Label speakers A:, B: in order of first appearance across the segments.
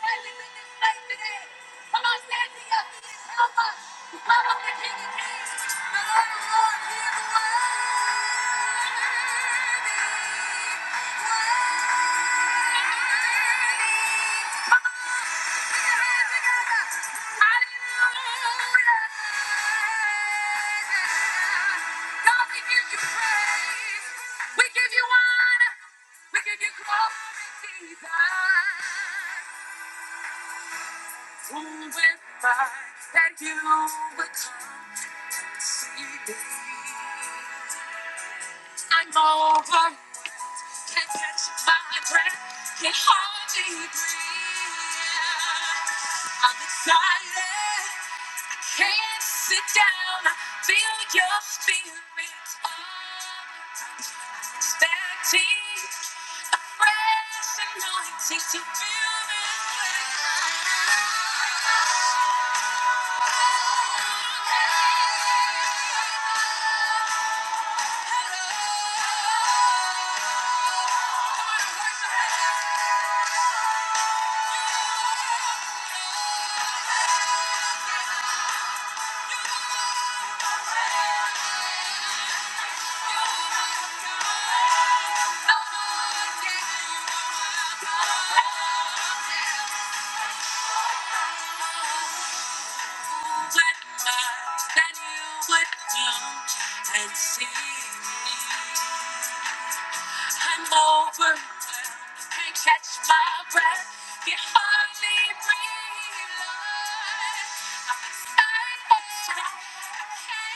A: We give you honor. We give you glory, Jesus. Who would find that you would come? I'm over, can't catch my breath, can hardly breathe. I'm excited, I can't sit down, I feel your spirit. I'm expecting a fresh anointing to feel this. way. And see me. I'm over. Can't catch my breath. Can hardly breathe. I'm excited. I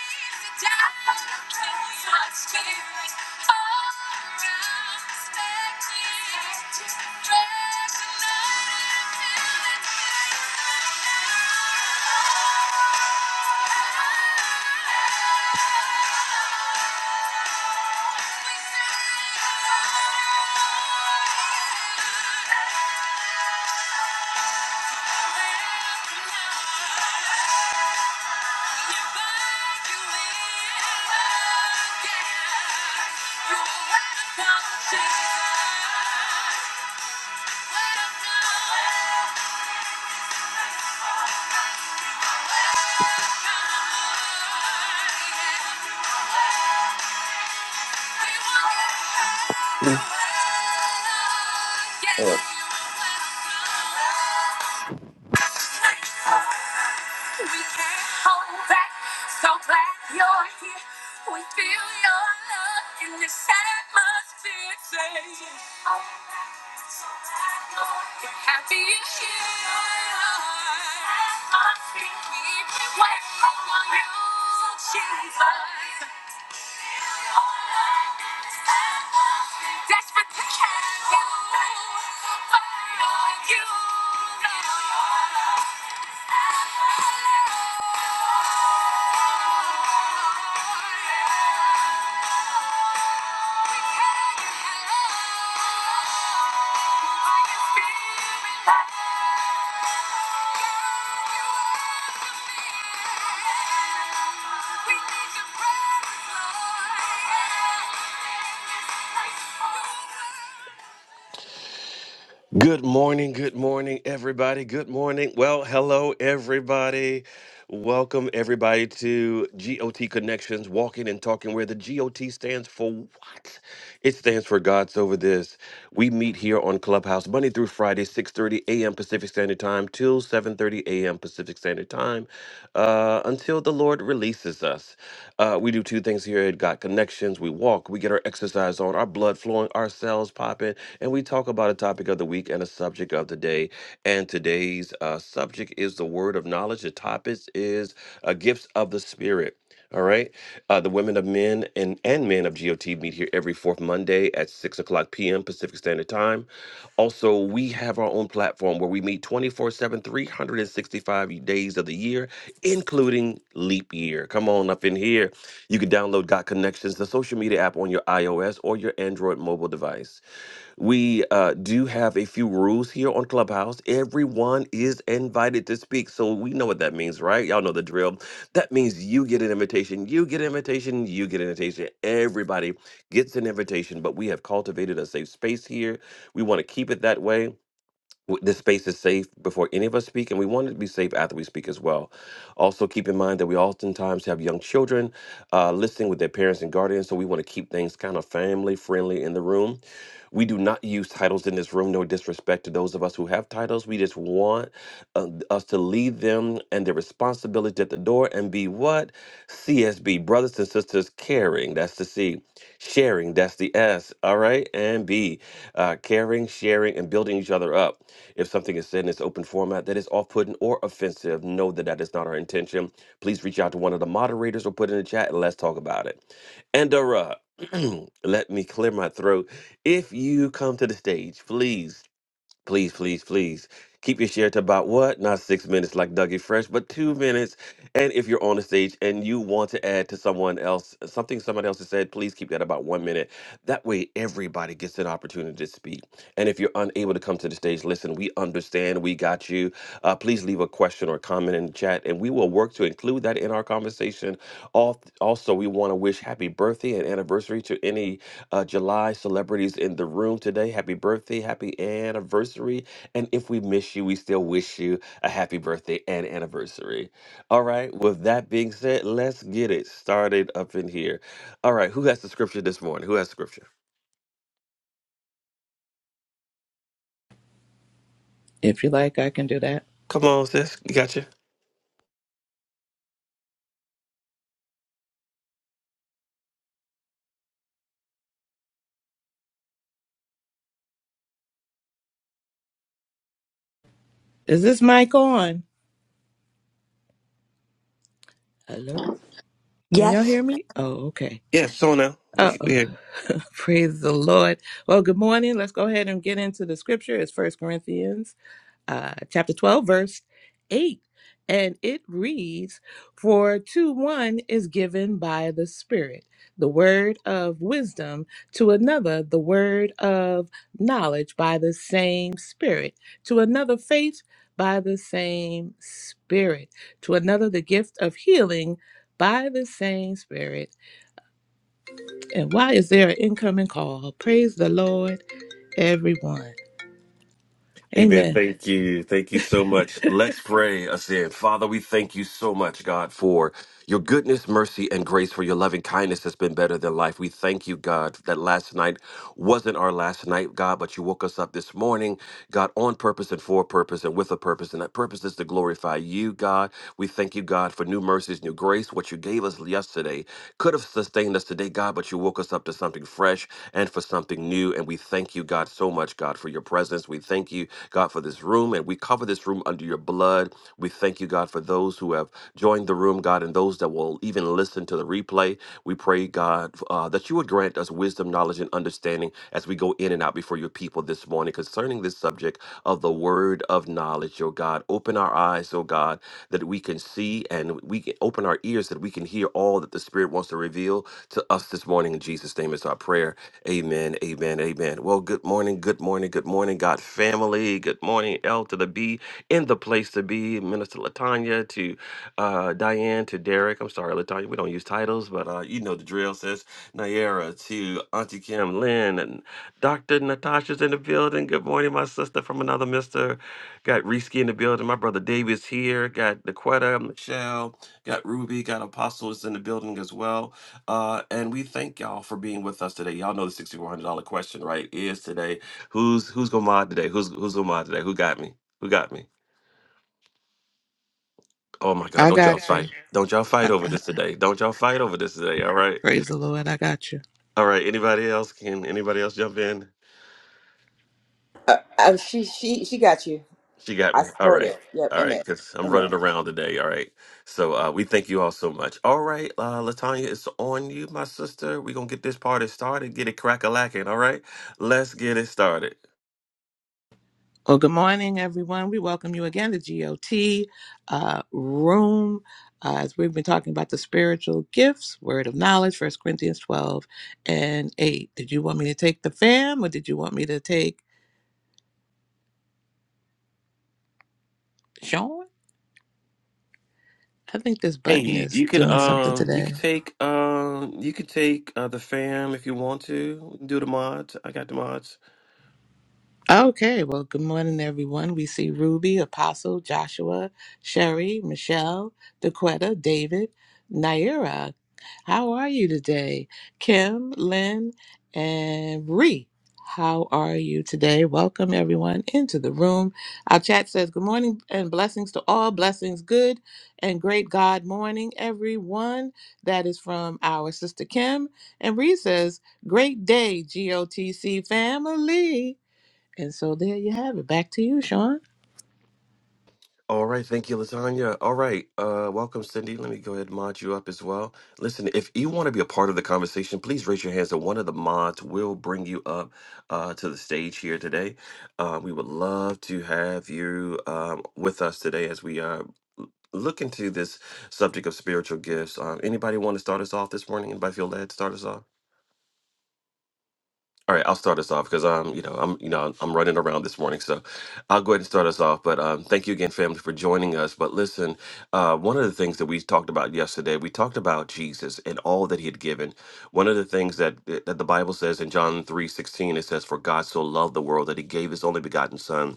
A: hate to doubt. Too much feeling. All I'm expecting. Dressing up and feeling. Oh. We can't hold back. So glad you're here. We feel your love in this atmosphere. Say, Happy you're here. I've been waiting on you, Jesus. Desperately can you, but only you. know. Thank you. Good morning, good morning, everybody. Good morning. Well, hello, everybody. Welcome, everybody, to GOT Connections, walking and talking, where the GOT stands for what? It stands for God's Over This. We meet here on Clubhouse Monday through Friday, 6.30 a.m. Pacific Standard Time till 7.30 a.m. Pacific Standard Time uh, until the Lord releases us. Uh, we do two things here at GOT Connections. We walk, we get our exercise on, our blood flowing, our cells popping, and we talk talk about a topic of the week and a subject of the day. And today's uh, subject is the word of knowledge. The topic is uh, gifts of the spirit. All right. Uh, the women of men and, and men of GOT meet here every fourth Monday at 6 o'clock p.m. Pacific Standard Time. Also, we have our own platform where we meet 24 7, 365 days of the year, including leap year. Come on up in here. You can download Got Connections, the social media app on your iOS or your Android mobile device. We uh, do have a few rules here on Clubhouse. Everyone is invited to speak. So we know what that means, right? Y'all know the drill. That means you get an invitation, you get an invitation, you get an invitation. Everybody gets an invitation, but we have cultivated a safe space here. We want to keep it that way w- this space is safe before any of us speak, and we want it to be safe after we speak as well. Also, keep in mind that we oftentimes have young children uh, listening with their parents and guardians, so we want to keep things kind of family friendly in the room. We do not use titles in this room, no disrespect to those of us who have titles. We just want uh, us to leave them and their responsibility at the door and be what? CSB, brothers and sisters, caring, that's the C, sharing, that's the S, all right? And B, uh, caring, sharing, and building each other up. If something is said in this open format that is off putting or offensive, know that that is not our intention. Please reach out to one of the moderators or put in the chat and let's talk about it. And uh, let me clear my throat. If you come to the stage, please. Please, please, please keep your share to about what? Not six minutes like Dougie Fresh, but two minutes. And if you're on the stage and you want to add to someone else something someone else has said, please keep that about one minute. That way, everybody gets an opportunity to speak. And if you're unable to come to the stage, listen, we understand, we got you. Uh, please leave a question or comment in the chat, and we will work to include that in our conversation. Al- Also, we want to wish happy birthday and anniversary to any uh, July celebrities in the room today. Happy birthday, happy anniversary. And if we miss you, we still wish you a happy birthday and anniversary. All right, with that being said, let's get it started up in here. All right, who has the scripture this morning? Who has scripture?
B: If you like, I can do that.
A: Come on, sis. You got you?
B: Is this mic on? Hello? Can y'all hear
C: Yes.
B: me? Oh, okay.
A: Yeah, someone
B: Oh,
A: else.
B: praise the Lord. Well, good morning. Let's go ahead and get into the scripture. It's First Corinthians uh, chapter 12, verse 8. And it reads, For to one is given by the Spirit the word of wisdom, to another the word of knowledge by the same Spirit, to another faith by the same Spirit, to another the gift of healing by the same Spirit. And why is there an incoming call? Praise the Lord, everyone.
A: Amen.
B: Amen.
A: Thank you. Thank you so much. Let's pray. I said, Father, we thank you so much, God, for your goodness, mercy, and grace, for your loving kindness has been better than life. We thank you, God, that last night wasn't our last night, God, but you woke us up this morning, God, on purpose and for a purpose and with a purpose. And that purpose is to glorify you, God. We thank you, God, for new mercies mercies, new grace. What you gave us yesterday could have sustained us today, God, but you woke us up to something fresh and for something new. And we thank you, God, so much, God, for your presence. We thank you, God, for this room. And we cover this room under your blood. We thank you, God, for those who have joined the room, God, and those that will even listen to the replay. We pray, God, uh, that you would grant us wisdom, knowledge, and understanding as we go in and out before your people this morning concerning this subject of the word of knowledge, oh God. Open our eyes, oh God, that we can see and we can open our ears that we can hear all that the Spirit wants to reveal to us this morning. In Jesus' name is our prayer. Amen, amen, amen. Well, good morning, good morning, good morning, God family. Good morning, L to the B in the place to be, Minister Latanya to uh, Diane to Derek. I'm sorry, Latanya, we don't use titles, but uh, you know the drill, sis. Nayera to Auntie Kim Lynn and Dr. Natasha's in the building. Good morning, my sister from another mister. Got Risky in the building. My brother David's here. Got Daquetta, Michelle, got Ruby, got Apostle is in the building as well. Uh, and we thank y'all for being with us today. Y'all know the $6,400 question, right? Is today who's who's gonna mod today? Who's who's gonna mod today? Who got me? Who got me? Oh my God!
B: I
A: Don't I y'all got
B: got
A: fight!
B: you.
A: you. Don't y'all fight
B: I-
A: over
B: I-
A: this today! Don't y'all fight over this today! All right,
B: praise the Lord. I got you.
A: all right. Anybody else can? Anybody else jump in?
D: Uh, uh, she she she got you.
A: She got
D: I
A: me. All
D: support
A: right.
D: it. Yep.
A: All right,
D: Amen.
A: because I'm running
D: Amen.
A: around today. All right. So uh, we thank you all so much. All right, uh, Latanya, it's on you, my sister. We're going to get this party started, get it crack a lacking. All right. Let's get it started.
B: Well, good morning, everyone. We welcome you again to GOT uh, Room. Uh, as we've been talking about the spiritual gifts, word of knowledge, First Corinthians 12 and 8. Did you want me to take the fam or did you want me to take Sean? I think this button
A: Hey,
B: is
A: you can
B: doing something
A: um you
B: today.
A: could take um you could take uh the fam if you want to. Do the mods. I got the mods.
B: Okay, well, good morning, everyone. We see Ruby, Apostle, Joshua, Sherry, Michelle, Daquetta, David, Naira. How are you today? Kim, Lynn, and Ree. How are you today? Welcome, everyone, into the room. Our chat says, Good morning and blessings to all. Blessings, good and great God morning, everyone. That is from our sister Kim. And Ree says, Great day, GOTC family. And so there you have it. Back to you, Sean.
A: All right, thank you, Lasagna. All right, uh, welcome, Cindy. Let me go ahead and mod you up as well. Listen, if you want to be a part of the conversation, please raise your hands, and one of the mods will bring you up uh, to the stage here today. Uh, we would love to have you um, with us today as we uh, look into this subject of spiritual gifts. Um, anybody want to start us off this morning? Anybody feel led to start us off? All right, I'll start us off because I'm, you know, I'm, you know, I'm running around this morning, so I'll go ahead and start us off. But um, thank you again, family, for joining us. But listen, uh, one of the things that we talked about yesterday, we talked about Jesus and all that He had given. One of the things that that the Bible says in John three sixteen, it says, "For God so loved the world that He gave His only begotten Son."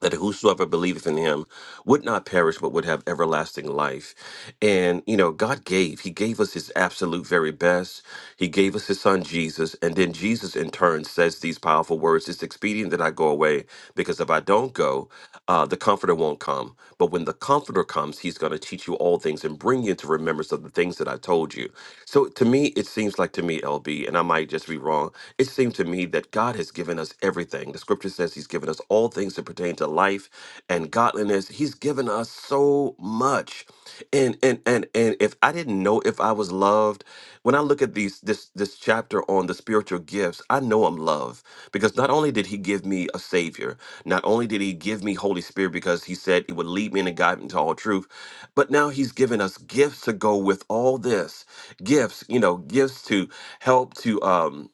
A: that whosoever believeth in him would not perish but would have everlasting life and you know god gave he gave us his absolute very best he gave us his son jesus and then jesus in turn says these powerful words it's expedient that i go away because if i don't go uh, the comforter won't come but when the comforter comes he's going to teach you all things and bring you into remembrance of the things that i told you so to me it seems like to me lb and i might just be wrong it seems seemed to me that God has given us everything. The scripture says He's given us all things that pertain to life and godliness. He's given us so much. And and and and if I didn't know if I was loved, when I look at these this this chapter on the spiritual gifts, I know I'm loved because not only did he give me a savior, not only did he give me Holy Spirit because he said it would lead me and guide me into all truth, but now he's given us gifts to go with all this. Gifts, you know, gifts to help to um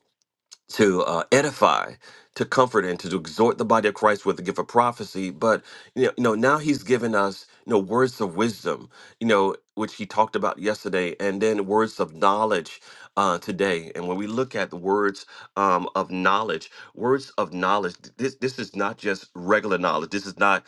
A: to uh, edify, to comfort, and to exhort the body of Christ with the gift of prophecy. But you know, you know, now he's given us you know words of wisdom, you know, which he talked about yesterday, and then words of knowledge uh, today. And when we look at the words um, of knowledge, words of knowledge, th- this this is not just regular knowledge. This is not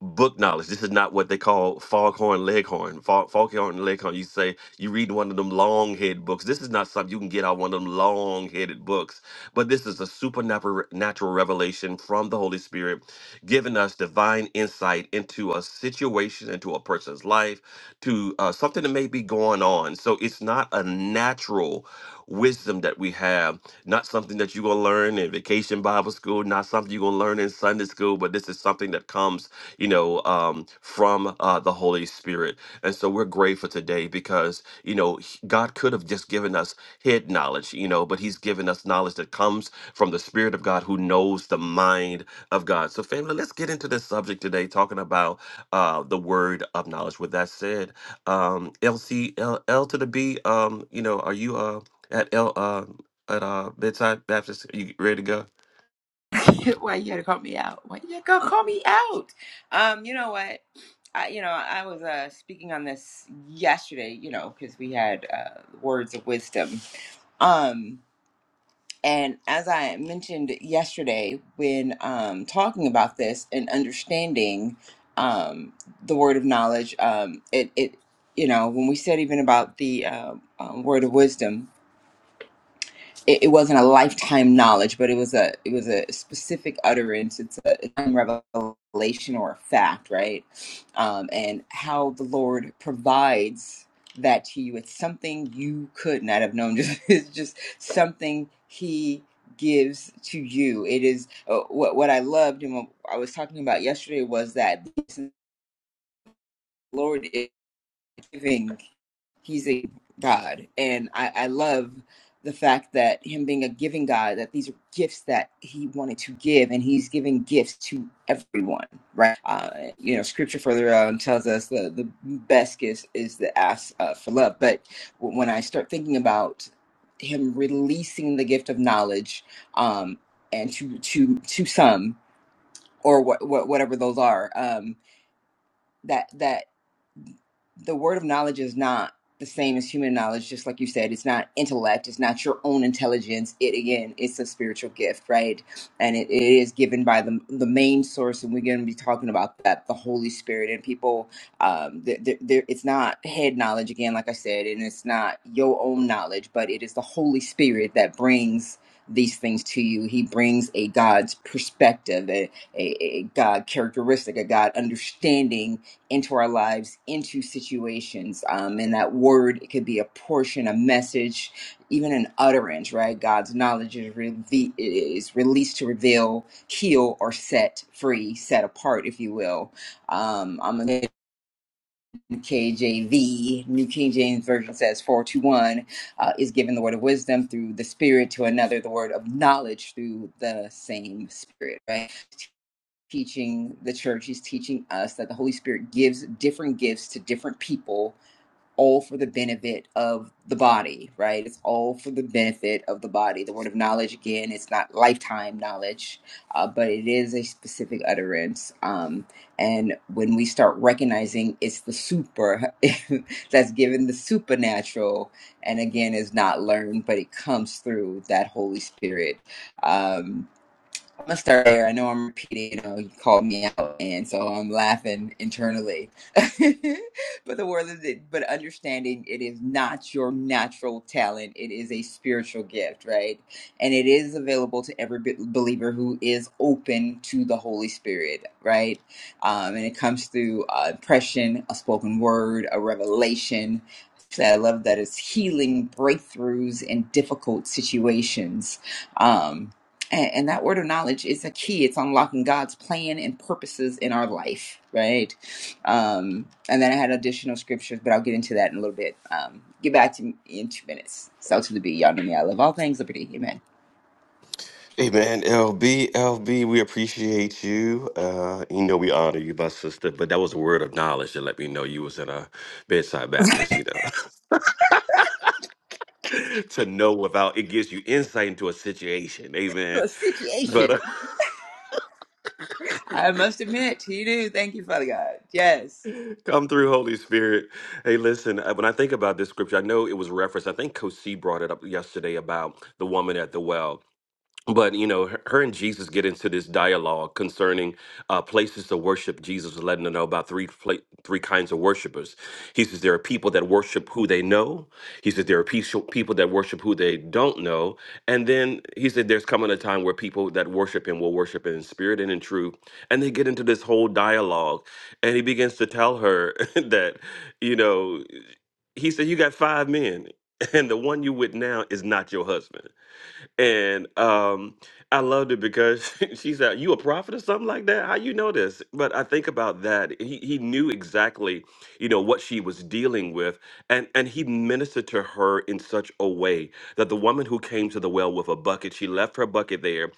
A: book knowledge. This is not what they call foghorn leghorn. Fog, foghorn leghorn. You say you read one of them long head books. This is not something you can get out one of them long headed books. But this is a supernatural natural revelation from the Holy Spirit, giving us divine insight into a situation, into a person's life, to uh, something that may be going on. So it's not a natural wisdom that we have, not something that you're gonna learn in vacation Bible school, not something you're gonna learn in Sunday school, but this is something that comes you know, um, from uh, the Holy Spirit. And so we're grateful today because, you know, he- God could have just given us head knowledge, you know, but He's given us knowledge that comes from the Spirit of God who knows the mind of God. So, family, let's get into this subject today, talking about uh, the word of knowledge. With that said, um, LC, L, L to the B, um, you know, are you uh, at L, uh, at uh, Bedside Baptist? Are you ready to go?
D: Why you gotta call me out? Why you gotta call me out? Um, you know what? I, you know, I was uh, speaking on this yesterday. You know, because we had uh, words of wisdom. Um, and as I mentioned yesterday, when um, talking about this and understanding um, the word of knowledge, um, it it you know when we said even about the uh, um, word of wisdom it, it wasn't a lifetime knowledge, but it was a it was a specific utterance. It's a, it's a revelation or a fact, right? Um, and how the Lord provides that to you. It's something you could not have known. Just it's just something He gives to you. It is uh, what what I loved and what I was talking about yesterday was that the Lord is giving he's a god and I, I love the fact that him being a giving god that these are gifts that he wanted to give and he's giving gifts to everyone right uh, you know scripture further on tells us the, the best gift is the ask uh, for love but when i start thinking about him releasing the gift of knowledge um, and to to to some or what, what whatever those are um, that that the word of knowledge is not the same as human knowledge just like you said it's not intellect it's not your own intelligence it again it's a spiritual gift right and it, it is given by the the main source and we're going to be talking about that the holy spirit and people um th th there it's not head knowledge again like i said and it's not your own knowledge but it is the holy spirit that brings these things to you he brings a god's perspective a, a, a god characteristic a god understanding into our lives, into situations. Um, and that word, it could be a portion, a message, even an utterance, right? God's knowledge is, reve- is released to reveal, heal, or set free, set apart, if you will. Um, I'm going to KJV, New King James Version says 421, uh, is given the word of wisdom through the Spirit to another, the word of knowledge through the same Spirit, right? teaching the church, he's teaching us that the Holy Spirit gives different gifts to different people, all for the benefit of the body, right? It's all for the benefit of the body. The word of knowledge, again, it's not lifetime knowledge, uh, but it is a specific utterance. Um, and when we start recognizing it's the super that's given the supernatural, and again, is not learned, but it comes through that Holy Spirit. Um, I'm gonna start there. I know I'm repeating, you know, you called me out, and so I'm laughing internally. but the world is it, but understanding it is not your natural talent, it is a spiritual gift, right? And it is available to every be- believer who is open to the Holy Spirit, right? Um, and it comes through uh, impression, a spoken word, a revelation. So I love that it's healing breakthroughs in difficult situations. Um, and, and that word of knowledge is a key. It's unlocking God's plan and purposes in our life, right? Um, and then I had additional scriptures, but I'll get into that in a little bit. Um, get back to me in two minutes. So to the B, y'all know me. I love all things liberty. Amen.
A: Hey man, LB, LB, we appreciate you. Uh, you know we honor you, my sister. But that was a word of knowledge to let me know you was in a bedside Baptist. You know, to know without it gives you insight into a situation.
D: To
A: Amen.
D: a
A: But
D: situation,
A: uh,
D: I must admit, you do. Thank you, Father God. Yes,
A: come through, Holy Spirit. Hey, listen. uh, When I think about this scripture, I know it was referenced. I think Coach C brought it up yesterday about the woman at the well but you know her her and jesus get into this dialogue concerning uh, places to worship jesus is letting her know about three pla- three kinds of worshipers he says there are people that worship who they know he says there are peaceful people that worship who they don't know and then he said there's coming a time where people that worship him will worship in spirit and in truth and they get into this whole dialogue and he begins to tell her that you know he said you got five men and the one you with now is not your husband and um, I loved it because she said, "You a prophet or something like that? How you know this?" But I think about that. He he knew exactly, you know, what she was dealing with, and and he ministered to her in such a way that the woman who came to the well with a bucket, she left her bucket there,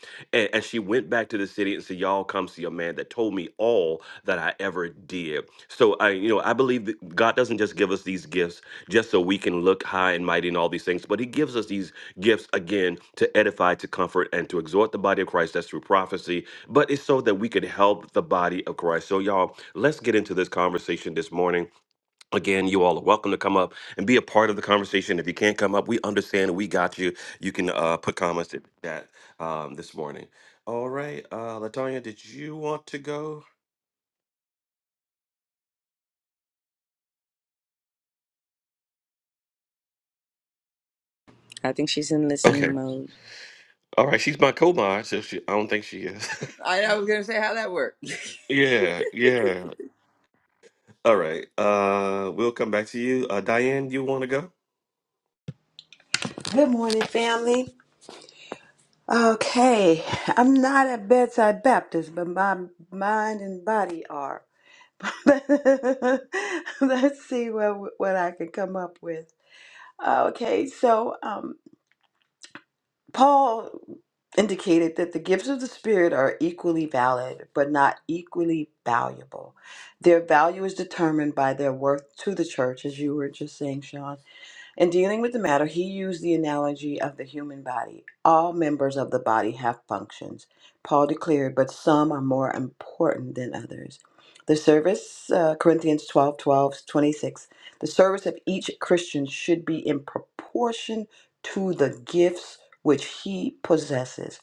A: and she went back to the city and said, Y'all come see a man that told me all that I ever did. So I, you know, I believe that God doesn't just give us these gifts just so we can look high and mighty and all these things, but He gives us these gifts again to edify, to comfort, and to exhort the body of Christ. That's through prophecy, but it's so that we could help the body of Christ. So, y'all, let's get into this conversation this morning. Again, you all are welcome to come up and be a part of the conversation. If you can't come up, we understand. We got you. You can uh, put comments at that um, this morning. All right, uh, Latonya, did you want to go?
E: I think she's in
A: Okay.
E: listening mode.
A: All right. She's my co-mod, so she, I don't think she is.
D: I, I was gonna say how that worked.
A: yeah. Yeah. All right. Uh, we'll come back to you. Uh, Diane, you want to go?
C: Good morning, family. Okay, I'm not a bedside Baptist, but my mind and body are. Let's see what what I can come up with. Okay, so um, Paul indicated that the gifts of the Spirit are equally valid, but not equally valuable. Their value is determined by their worth to the church, as you were just saying, Sean. In dealing with the matter, he used the analogy of the human body. All members of the body have functions, Paul declared, but some are more important than others. The service, uh, Corinthians 12 12 26. the service of each Christian should be in proportion to the gifts which he possesses.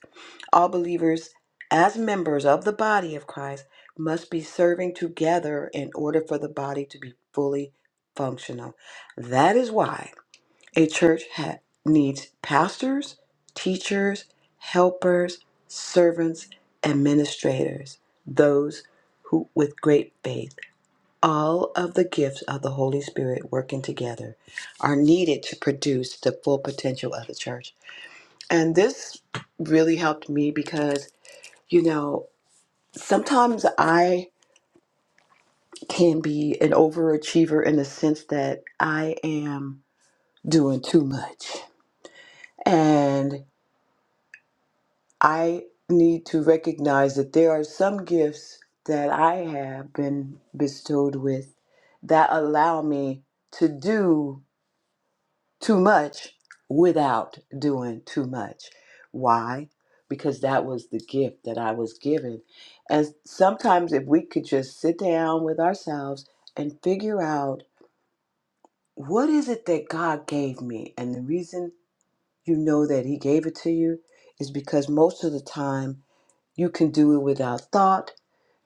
C: All believers, as members of the body of Christ, must be serving together in order for the body to be fully functional. That is why a church ha- needs pastors, teachers, helpers, servants, administrators, those who with great faith, all of the gifts of the Holy Spirit working together are needed to produce the full potential of the church. And this really helped me because, you know, sometimes I can be an overachiever in the sense that I am doing too much. And I need to recognize that there are some gifts that I have been bestowed with that allow me to do too much without doing too much. Why? Because that was the gift that I was given. And sometimes, if we could just sit down with ourselves and figure out what is it that God gave me, and the reason you know that He gave it to you is because most of the time you can do it without thought,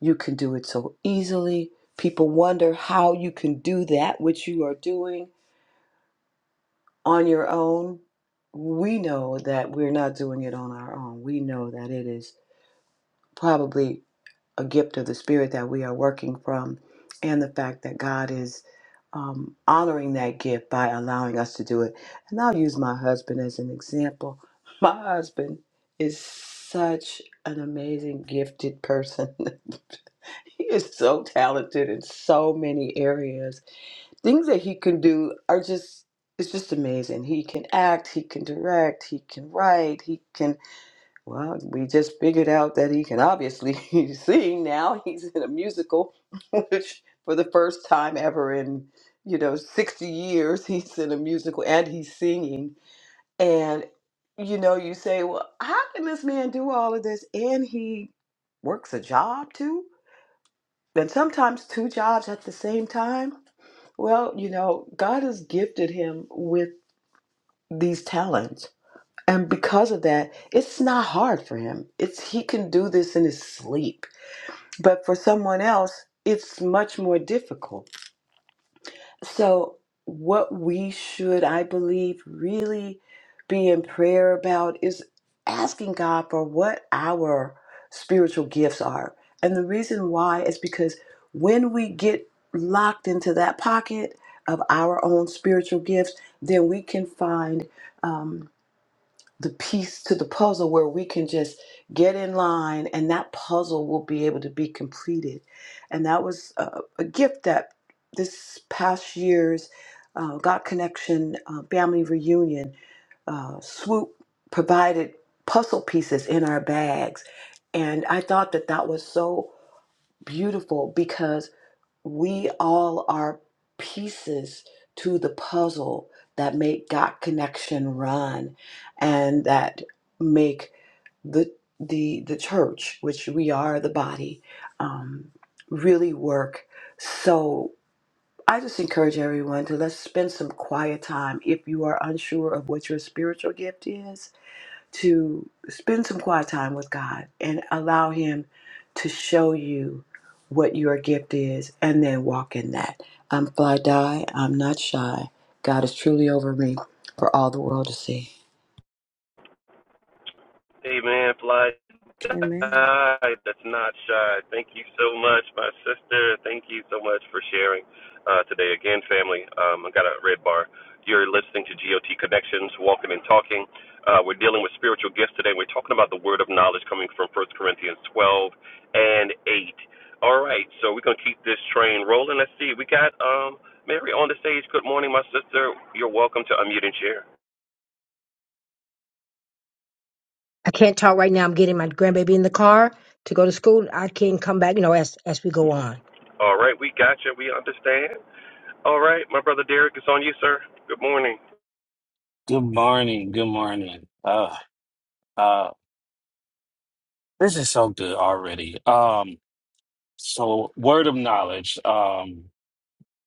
C: you can do it so easily. People wonder how you can do that which you are doing on your own, we know that we're not doing it on our own. We know that it is probably a gift of the Spirit that we are working from, and the fact that God is um, honoring that gift by allowing us to do it. And I'll use my husband as an example. My husband is such an amazing, gifted person. he is so talented in so many areas things that he can do are just it's just amazing. He can act, he can direct, he can write, he can well, we just figured out that he can obviously sing now. He's in a musical, which for the first time ever in, you know, 60 years, he's in a musical and he's singing. And you know, you say, "Well, how can this man do all of this and he works a job too?" And sometimes two jobs at the same time well, you know, God has gifted him with these talents. And because of that, it's not hard for him. It's he can do this in his sleep. But for someone else, it's much more difficult. So, what we should, I believe, really be in prayer about is asking God for what our spiritual gifts are. And the reason why is because when we get locked into that pocket of our own spiritual gifts, then we can find. um, the piece to the puzzle where we can just get in line and that puzzle will be able to be completed. And that was a, a gift that this past year's uh, God Connection uh, family reunion uh, swoop provided puzzle pieces in our bags. And I thought that that was so beautiful because we all are pieces to the puzzle that make dot connection run and that make the the the church which we are the body um, really work so i just encourage everyone to let's spend some quiet time if you are unsure of what your spiritual gift is to spend some quiet time with God and allow Him to show you what your gift is and then walk in that. I'm fly die, I'm not shy. God is truly over me for all the world to see.
E: Amen.
A: Hi, That's not shy. Thank you so much, my sister. Thank you so much for sharing uh, today again, family. Um, I got a red bar. You're listening to GOT Connections, Walking and Talking. Uh, we're dealing with spiritual gifts today. We're talking about the word of knowledge coming from First Corinthians 12 and 8. All right, so we're going to keep this train rolling. Let's see. We got um, Mary on the stage. Good morning, my sister. You're welcome to unmute and share.
F: I can't talk right now. I'm getting my grandbaby in the car to go to school. I can come back, you know, as as we go on.
A: All right, we got you. We understand. All right, my brother Derek, it's on you, sir. Good morning.
G: Good morning. Good morning. Uh, uh, this is so good already. Um, so word of knowledge. Um,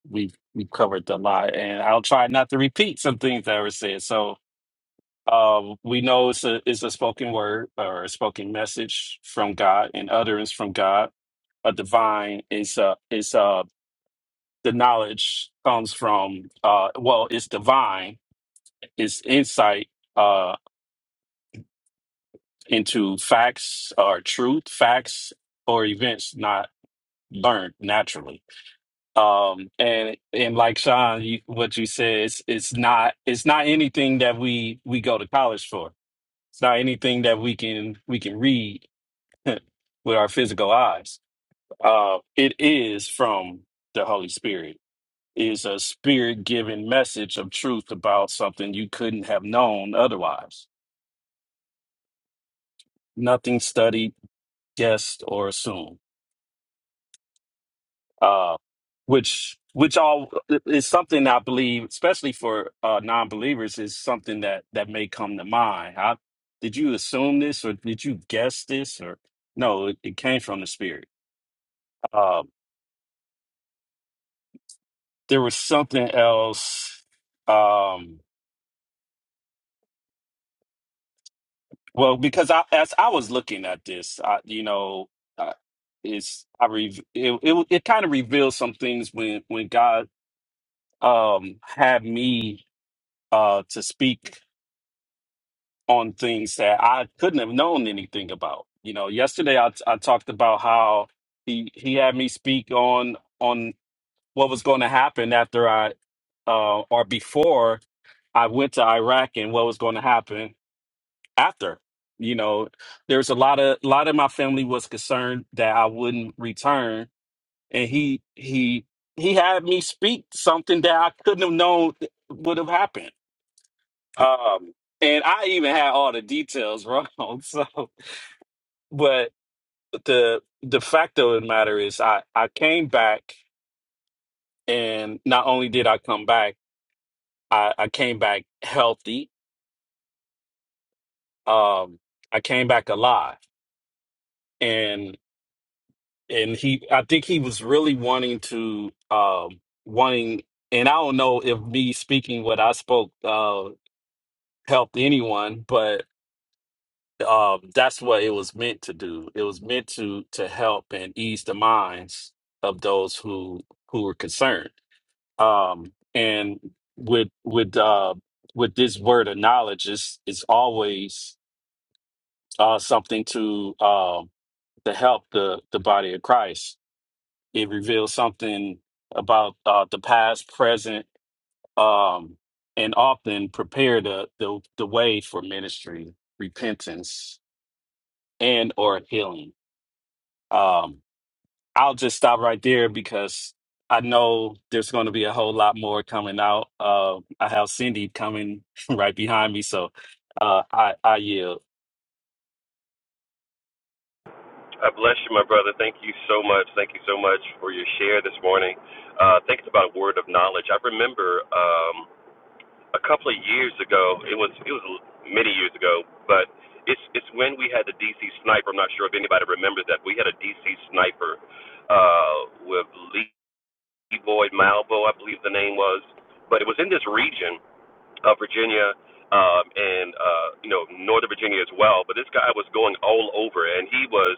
G: we've we've covered a lot, and I'll try not to repeat some things that were said. So, um, we know it's a it's a spoken word or a spoken message from God, and utterance from God. A divine is uh is uh the knowledge comes from uh well it's divine, it's insight uh, into facts or truth, facts or events not learned naturally. Um, and and like Sean, you, what you said, it's, it's not it's not anything that we we go to college for. It's not anything that we can we can read with our physical eyes. Uh, it is from the Holy Spirit. Is a spirit given message of truth about something you couldn't have known otherwise. Nothing studied, guessed, or assumed. uh, which which all is something I believe, especially for uh, non-believers, is something that that may come to mind. I, did you assume this, or did you guess this, or no? It, it came from the Spirit. Um, there was something else. Um, well, because I, as I was looking at this, I, you know, I, it's I re- it it, it kind of revealed some things when when God um had me uh to speak on things that I couldn't have known anything about. You know, yesterday I, I talked about how he he had me speak on on what was going to happen after I uh, or before I went to Iraq and what was going to happen after. You know, there's a lot of a lot of my family was concerned that I wouldn't return, and he he he had me speak something that I couldn't have known would have happened. Um, and I even had all the details wrong. So But the the fact of the matter is, I I came back, and not only did I come back, I I came back healthy. Um, I came back alive, and and he, I think he was really wanting to, um, wanting, and I don't know if me speaking what I spoke uh helped anyone, but um, that's what it was meant to do. It was meant to to help and ease the minds of those who who were concerned um and with with uh with this word of knowledge is is always uh something to uh to help the the body of christ it reveals something about uh the past present um and often prepare the the, the way for ministry repentance and or healing um I'll just stop right there because I know there's going to be a whole lot more coming out. Uh, I have Cindy coming right behind me, so uh, I, I yield.
A: I bless you, my brother. Thank you so much. Thank you so much for your share this morning. Uh, I think it's about a word of knowledge. I remember um, a couple of years ago. It was it was many years ago, but it's it's when we had the DC sniper. I'm not sure if anybody remembers that. We had a DC sniper uh, with Lee Boyd Malvo, I believe the name was. But it was in this region, uh, Virginia um, and uh, you know Northern Virginia as well. But this guy was going all over, and he was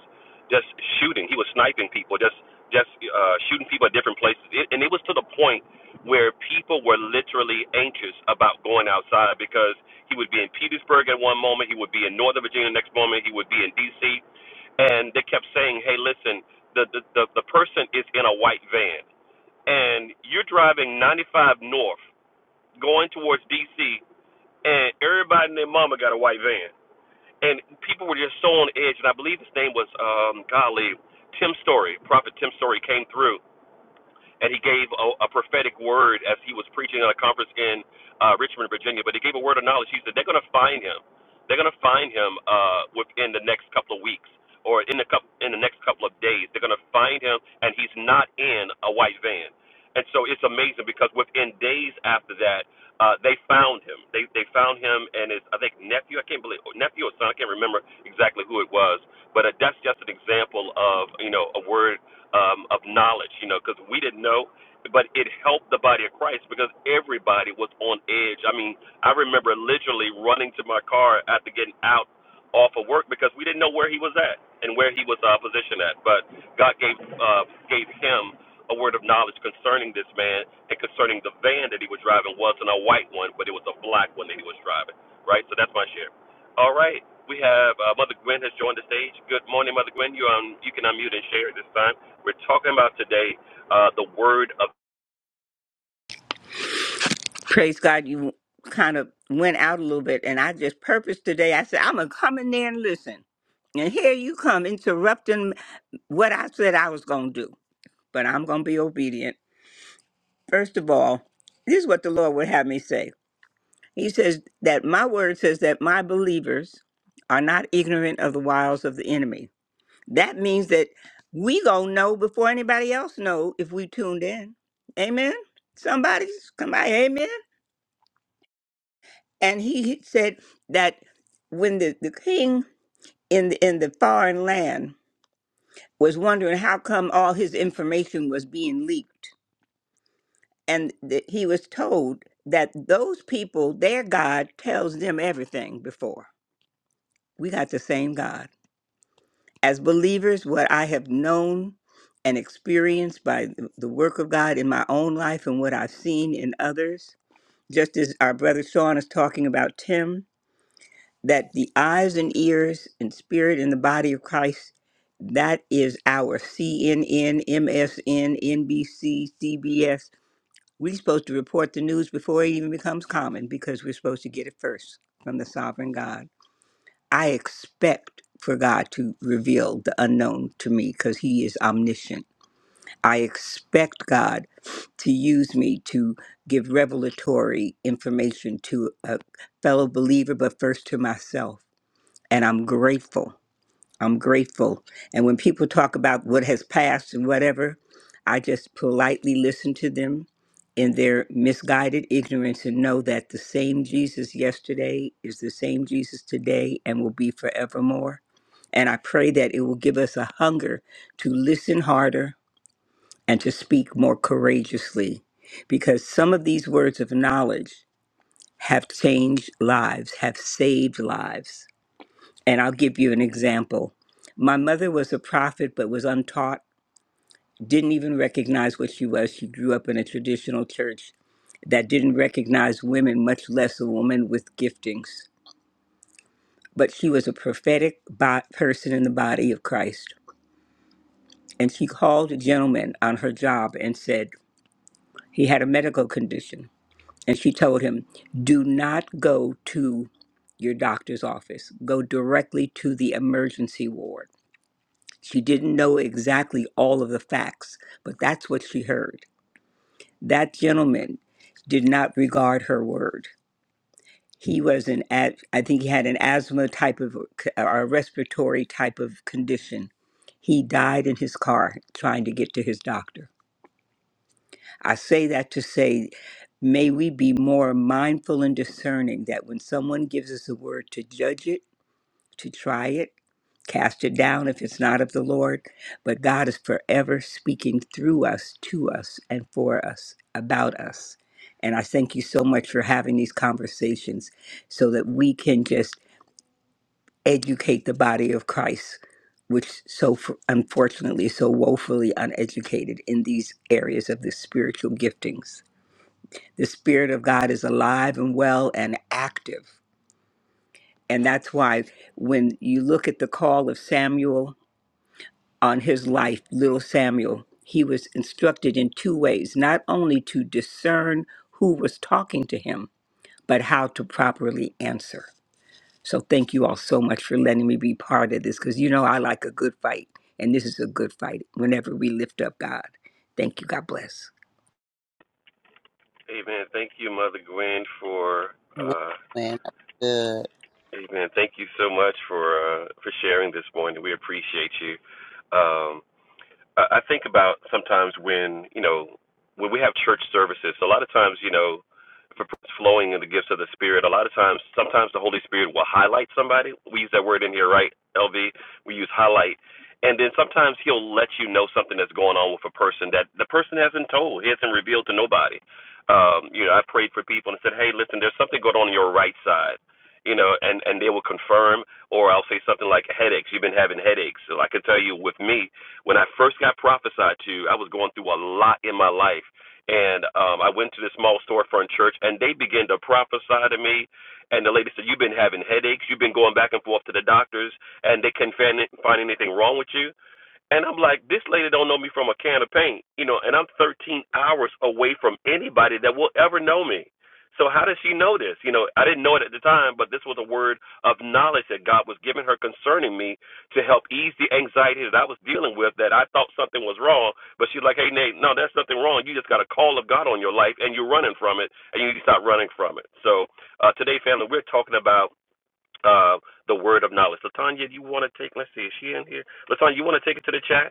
A: just shooting. He was sniping people, just just uh, shooting people at different places, it, and it was to the point where people were literally anxious about going outside because he would be in Petersburg at one moment, he would be in Northern Virginia the next moment, he would be in D.C. And they kept saying, "Hey, listen, the the the, the person is in a white van." And you're driving 95 north, going towards D.C and everybody and their mama got a white van. And people were just so on edge. And I believe his name was um golly, Tim Story, Prophet Tim Story came through and he gave a, a prophetic word as he was preaching at a conference in uh, Richmond, Virginia. But he gave a word of knowledge. He said they're going to find him. They're going to find him uh, within the next couple of weeks or in the couple, in the next couple of days. They're going to find him, and he's not in a white van. And so it's amazing because within days after that, uh, they found him. They they found him and his I think nephew. I can't believe nephew or son. I can't remember exactly who it was. But uh, that's just an example of you know a word um, of knowledge, you know, because we didn't know, but it helped the body of Christ because everybody was on edge. I mean, I remember literally running to my car after getting out off of work because we didn't know where he was at and where he was uh, positioned at. But God gave uh, gave him a word of knowledge concerning this man and concerning the van that he was driving wasn't a white one, but it was a black one that he was driving. Right, so that's my share. All right, we have uh, Mother Gwen has joined the stage. Good morning, Mother Gwen. You um, you can unmute and share at this time. We're talking about today uh, the word of
H: praise God, you kind of went out a little bit. And I just purposed today, I said, I'm going to come in there and listen. And here you come interrupting what I said I was going to do, but I'm going to be obedient. First of all, this is what the Lord would have me say. He says that my word says that my believers are not ignorant of the wiles of the enemy. That means that we going to know before anybody else know if we tuned in. Amen? Somebody, somebody, amen? and he said that when the, the king in the, in the foreign land was wondering how come all his information was being leaked and th- he was told that those people their god tells them everything before we got the same god as believers what i have known and experienced by th- the work of god in my own life and what i've seen in others just as our brother sean is talking about tim that the eyes and ears and spirit and the body of Christ, that is our CNN, MSN, CBS. We're supposed to report the news before it even becomes common because we're supposed to get it first from the sovereign God. I expect for God to reveal the unknown to me because He is omniscient. I expect God to use me to give revelatory information to a fellow believer, but first to myself and I'm grateful. I'm grateful. And when people talk about what has passed and whatever, I just politely listen to them in their misguided ignorance and know that the same Jesus yesterday is the same Jesus today and will be forevermore. And I pray that it will give us a hunger to listen harder and to speak more courageously because some of these words of knowledge have changed lives, have saved lives. And I'll give you an example. My mother was a prophet, but was untaught, didn't even recognize what she was. She grew up in a traditional church that didn't recognize women, much less a woman with giftings. But she was a prophetic bo- person in the body of Christ. And she called a gentleman on her job and said he had a medical condition. And she told him, Do not go to your doctor's office, go directly to the emergency ward She didn't know exactly all of the facts, but that's what she heard. That gentleman did not regard her word. He was an, a- I think he had an asthma type of, or a respiratory type of condition. He died in his car trying to get to his doctor. I say that to say, may we be more mindful and discerning that when someone gives us a word to judge it, to try it, Cast it down if it's not of the Lord. But God is forever speaking through us, to us, and for us, about us. And I thank you so much for having these conversations so that we can just educate the body of Christ, which so f- unfortunately is so woefully uneducated in these areas of the spiritual giftings. The Spirit of God is alive and well and active. And that's why when you look at the call of Samuel on his life, little Samuel, he was instructed in two ways not only to discern who was talking to him, but how to properly answer. So, thank you all so much for letting me be part of this because you know I like a good fight, and this is a good fight whenever we lift up God. Thank you. God bless.
A: Amen. Thank you, Mother Gwen, for
I: Amen.
A: uh,
I: That's Good.
A: Amen. Thank you so much for uh, for sharing this morning. We appreciate you. Um, I, I think about sometimes when you know when we have church services. A lot of times, you know, for flowing in the gifts of the Spirit. A lot of times, sometimes the Holy Spirit will highlight somebody. We use that word in here, right, LV? We use highlight. And then sometimes he'll let you know something that's going on with a person that the person hasn't told, he hasn't revealed to nobody. Um, you know, I prayed for people and said, hey, listen, there's something going on in your right side. You know, and and they will confirm, or I'll say something like headaches. You've been having headaches. So I can tell you, with me, when I first got prophesied to, I was going through a lot in my life and um, I went to this small storefront church, and they began to prophesy to me. And the lady said, "You've been having headaches. You've been going back and forth to the doctors, and they can not find anything wrong with you." And I'm like, this lady don't know me from a can of paint, you know, and I'm 13 hours away from anybody that will ever know me. So how does she know this? You know, I didn't know it at the time, but this was a word of knowledge that God was giving her concerning me to help ease the anxiety that I was dealing with that I thought something was wrong. But she's like, hey, Nate, no, there's nothing wrong. You just got a call of God on your life and you're running from it and you need to stop running from it. So uh, today, family, we're talking about uh, the word of knowledge. Latanya, you want to take, let's see, is she in here? Latanya, you want to take it to the chat?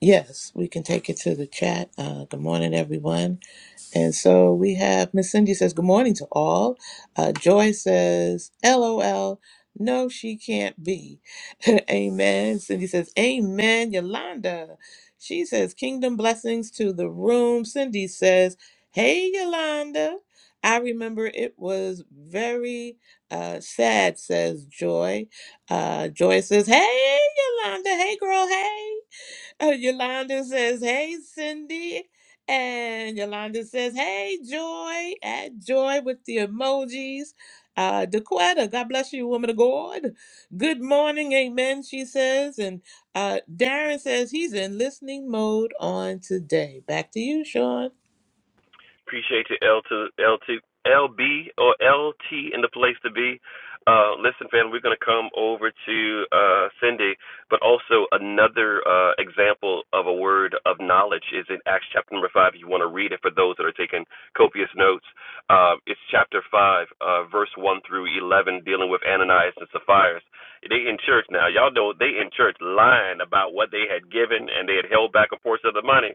B: Yes, we can take it to the chat. Uh, good morning, everyone. And so we have Miss Cindy says, Good morning to all. Uh, Joy says, LOL, no, she can't be. Amen. Cindy says, Amen. Yolanda, she says, Kingdom blessings to the room. Cindy says, Hey, Yolanda. I remember it was very uh, sad, says Joy. Uh, Joy says, Hey, Yolanda. Hey, girl. Hey. Uh, Yolanda says, Hey, Cindy. And Yolanda says, Hey, Joy. At Joy with the emojis. Uh, Dequetta, God bless you, woman of God. Good morning, amen, she says. And uh, Darren says he's in listening mode on today. Back to you, Sean.
A: Appreciate you, L to L to LB or LT in the place to be. Uh, listen, fam, we're going to come over to uh, Cindy, but also another uh, example of a word of knowledge is in Acts chapter number 5. If you want to read it for those that are taking copious notes, uh, it's chapter 5, uh, verse 1 through 11, dealing with Ananias and Sapphira. They in church now. Y'all know they in church lying about what they had given and they had held back a portion of the money.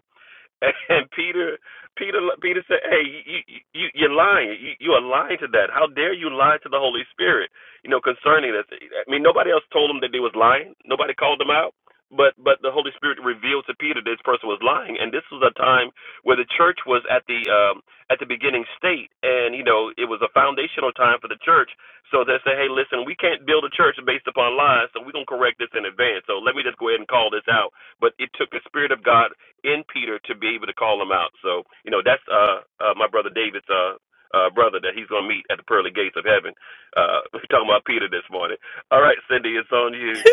A: And Peter, Peter, Peter said, "Hey, you, you, you- are lying. You, you are lying to that. How dare you lie to the Holy Spirit? You know, concerning this. I mean, nobody else told him that they was lying. Nobody called them out. But, but the Holy Spirit revealed to Peter this person was lying. And this was a time where the church was at the, um, at the beginning state, and you know, it was a foundational time for the church. So they say, hey, listen, we can't build a church based upon lies, so we're gonna correct this in advance. So let me just go ahead and call this out. But it took the Spirit of God in Peter to be able to call him out. So, you know, that's uh, uh my brother David's uh uh, brother that he's going to meet at the pearly gates of heaven. Uh, we're talking about Peter this morning. All right, Cindy, it's on you.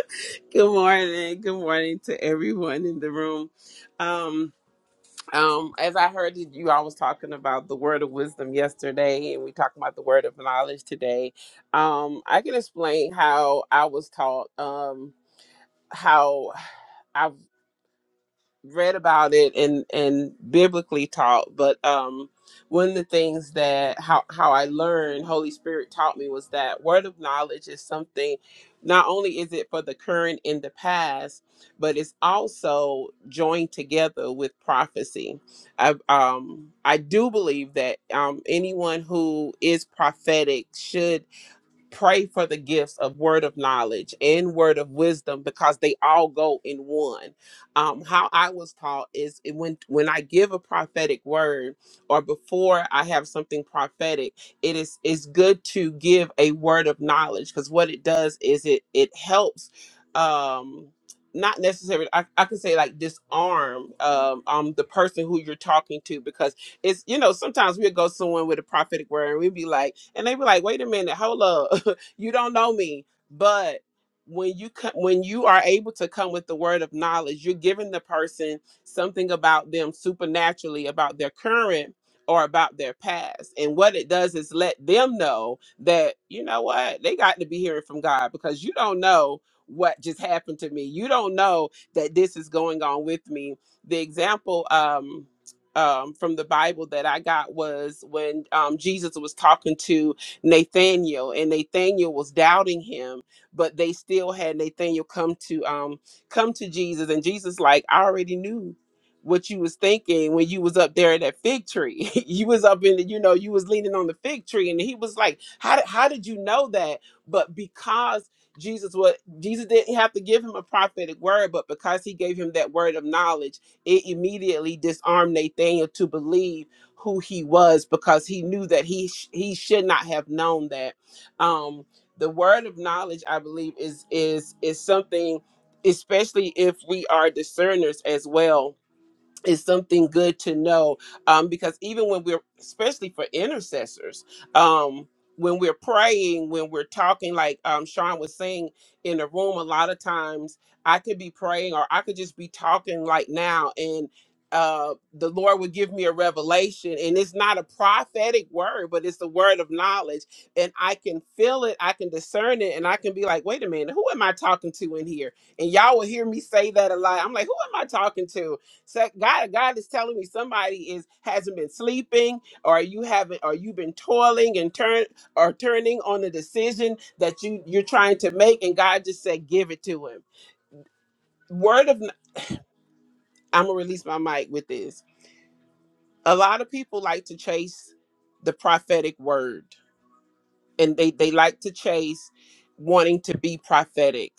J: Good morning. Good morning to everyone in the room. Um, um, as I heard that you all was talking about the word of wisdom yesterday, and we talking about the word of knowledge today. Um, I can explain how I was taught. Um, how read about it and and biblically taught but um one of the things that how how i learned holy spirit taught me was that word of knowledge is something not only is it for the current and the past but it's also joined together with prophecy i um i do believe that um anyone who is prophetic should pray for the gifts of word of knowledge and word of wisdom because they all go in one um how i was taught is it when when i give a prophetic word or before i have something prophetic it is it's good to give a word of knowledge because what it does is it it helps um not necessarily I, I can say like disarm um, um the person who you're talking to because it's you know sometimes we'll go someone with a prophetic word and we'd be like and they be like wait a minute hold up you don't know me but when you co- when you are able to come with the word of knowledge you're giving the person something about them supernaturally about their current or about their past and what it does is let them know that you know what they got to be hearing from god because you don't know what just happened to me you don't know that this is going on with me the example um um, from the Bible that I got was when um, Jesus was talking to Nathaniel, and Nathaniel was doubting him, but they still had Nathaniel come to um come to Jesus, and Jesus like, I already knew what you was thinking when you was up there in that fig tree. you was up in the, you know, you was leaning on the fig tree, and he was like, How did how did you know that? But because Jesus what Jesus didn't have to give him a prophetic word, but because he gave him that word of knowledge, it immediately disarmed Nathaniel to believe who he was because he knew that he sh- he should not have known that. Um, the word of knowledge, I believe, is is is something, especially if we are discerners as well is something good to know um, because even when we're especially for intercessors um, when we're praying when we're talking like um, sean was saying in the room a lot of times i could be praying or i could just be talking like now and uh, the lord would give me a revelation and it's not a prophetic word but it's the word of knowledge and i can feel it i can discern it and i can be like wait a minute who am i talking to in here and y'all will hear me say that a lot i'm like who am i talking to so God, God is telling me somebody is hasn't been sleeping, or you haven't, or you've been toiling and turn or turning on a decision that you you're trying to make, and God just said, give it to him. Word of, I'm gonna release my mic with this. A lot of people like to chase the prophetic word, and they they like to chase wanting to be prophetic.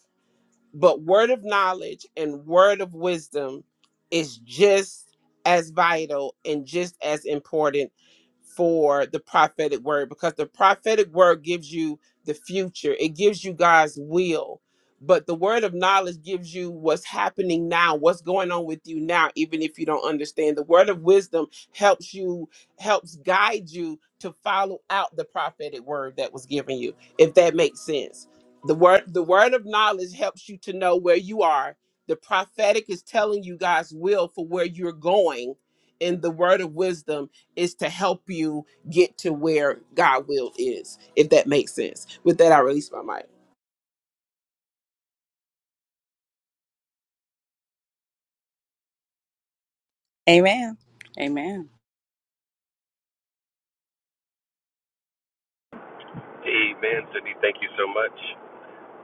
J: But word of knowledge and word of wisdom is just as vital and just as important for the prophetic word because the prophetic word gives you the future, it gives you God's will. But the word of knowledge gives you what's happening now, what's going on with you now, even if you don't understand. The word of wisdom helps you, helps guide you to follow out the prophetic word that was given you, if that makes sense the word the word of knowledge helps you to know where you are. The prophetic is telling you God's will for where you're going. And the word of wisdom is to help you get to where God will is, if that makes sense. With that, I release my mic.
E: Amen. Amen.
A: Amen, Cindy. Thank you so much.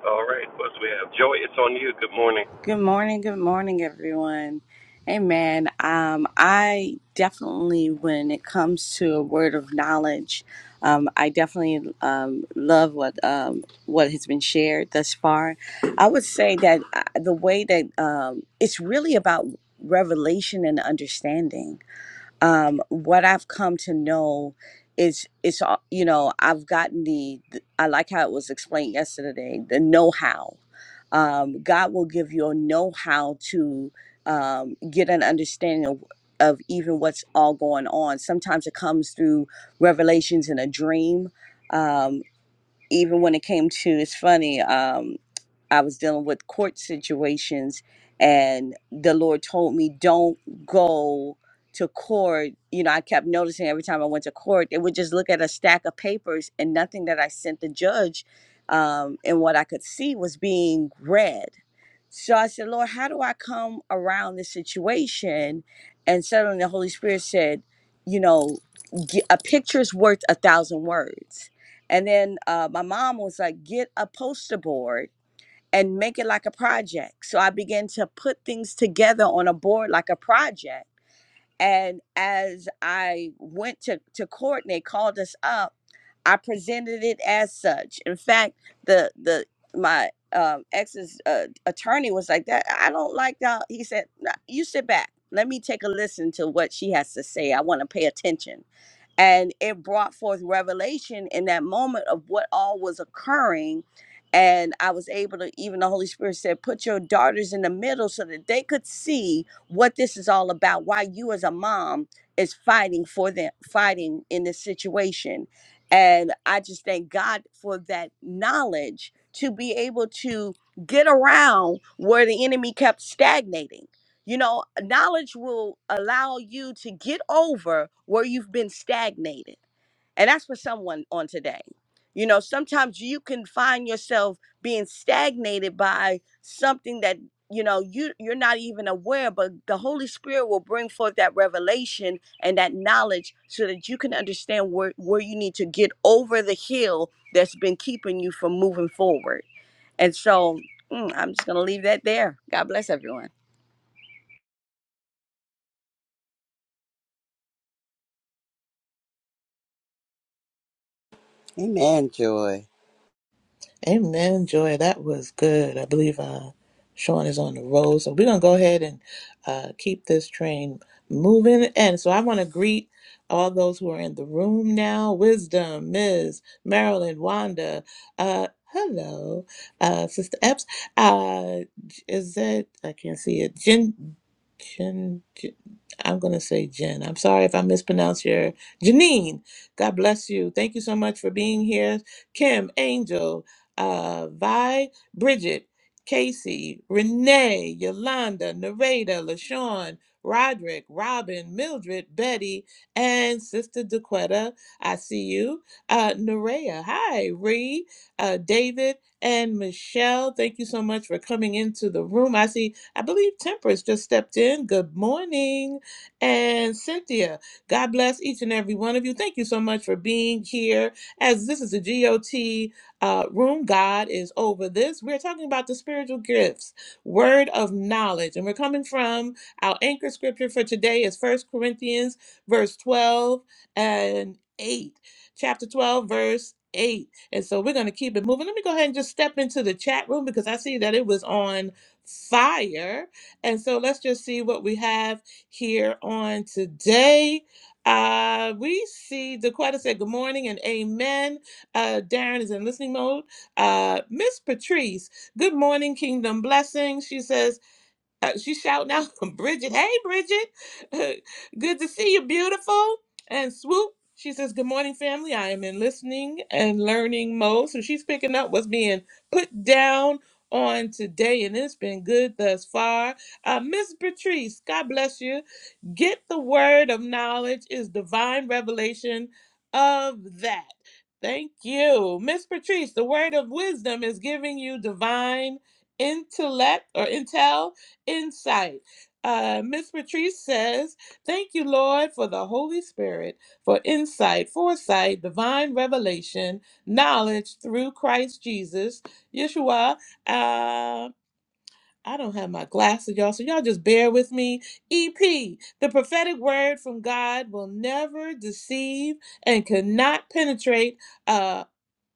A: All right, plus we have Joy. It's on you. Good morning.
E: Good morning. Good morning, everyone. Amen. Um, I definitely, when it comes to a word of knowledge, um, I definitely um, love what um, what has been shared thus far. I would say that uh, the way that um, it's really about revelation and understanding um, what I've come to know is it's all you know I've gotten the I like how it was explained yesterday the know how. Um, God will give you a know how to um, get an understanding of, of even what's all going on. Sometimes it comes through revelations in a dream. Um, even when it came to, it's funny. Um, I was dealing with court situations, and the Lord told me, don't go to court. You know, I kept noticing every time I went to court, they would just look at a stack of papers, and nothing that I sent the judge um, and what I could see was being read. So I said, Lord, how do I come around this situation? And suddenly the Holy Spirit said, you know, "Ge- a picture's worth a thousand words. And then uh, my mom was like, get a poster board and make it like a project. So I began to put things together on a board like a project. And as I went to, to court and they called us up, I presented it as such. In fact, the the my um, ex's uh, attorney was like that. I don't like that. He said, "Nah, "You sit back. Let me take a listen to what she has to say. I want to pay attention." and it brought forth revelation in that moment of what all was occurring and i was able to even the holy spirit said put your daughters in the middle so that they could see what this is all about why you as a mom is fighting for them fighting in this situation and i just thank god for that knowledge to be able to get around where the enemy kept stagnating you know, knowledge will allow you to get over where you've been stagnated. And that's for someone on today. You know, sometimes you can find yourself being stagnated by something that you know you you're not even aware but the holy spirit will bring forth that revelation and that knowledge so that you can understand where where you need to get over the hill that's been keeping you from moving forward and so mm, i'm just gonna leave that there god bless everyone
I: Amen, Joy.
B: Amen, Joy. That was good. I believe uh, Sean is on the road, So we're going to go ahead and uh, keep this train moving. And so I want to greet all those who are in the room now Wisdom, Ms. Marilyn, Wanda. Uh, hello, uh, Sister Epps. Uh, is that, I can't see it. Jen, Jen, Jen I'm going to say Jen. I'm sorry if I mispronounce your Janine. God bless you. Thank you so much for being here. Kim, Angel, uh, Vi, Bridget, Casey, Renee, Yolanda, Nareda, LaShawn, Roderick, Robin, Mildred, Betty, and Sister DeQuetta. I see you. Uh, Nerea, hi, Ree, uh, David, and Michelle. Thank you so much for coming into the room. I see, I believe Temperance just stepped in. Good morning. And Cynthia, God bless each and every one of you. Thank you so much for being here. As this is a GOT uh, room God is over this. We're talking about the spiritual gifts, word of knowledge. And we're coming from our anchor scripture for today is First Corinthians, verse 12 and 8. Chapter 12, verse 8. And so we're going to keep it moving. Let me go ahead and just step into the chat room because I see that it was on fire. And so let's just see what we have here on today. Uh, we see Dequetta said good morning and amen. Uh, Darren is in listening mode. Uh, Miss Patrice, good morning, Kingdom Blessings. She says, uh, she's shouting out from Bridget. Hey, Bridget. Good to see you, beautiful. And Swoop, she says, Good morning, family. I am in listening and learning mode. So she's picking up what's being put down on today, and it's been good thus far. Uh, Miss Patrice, God bless you. Get the word of knowledge is divine revelation of that. Thank you. Miss Patrice, the word of wisdom is giving you divine intellect or intel insight. Uh, Miss Patrice says, Thank you, Lord, for the Holy Spirit, for insight, foresight, divine revelation, knowledge through Christ Jesus. Yeshua, uh, I don't have my glasses, y'all, so y'all just bear with me. EP, the prophetic word from God will never deceive and cannot penetrate. Uh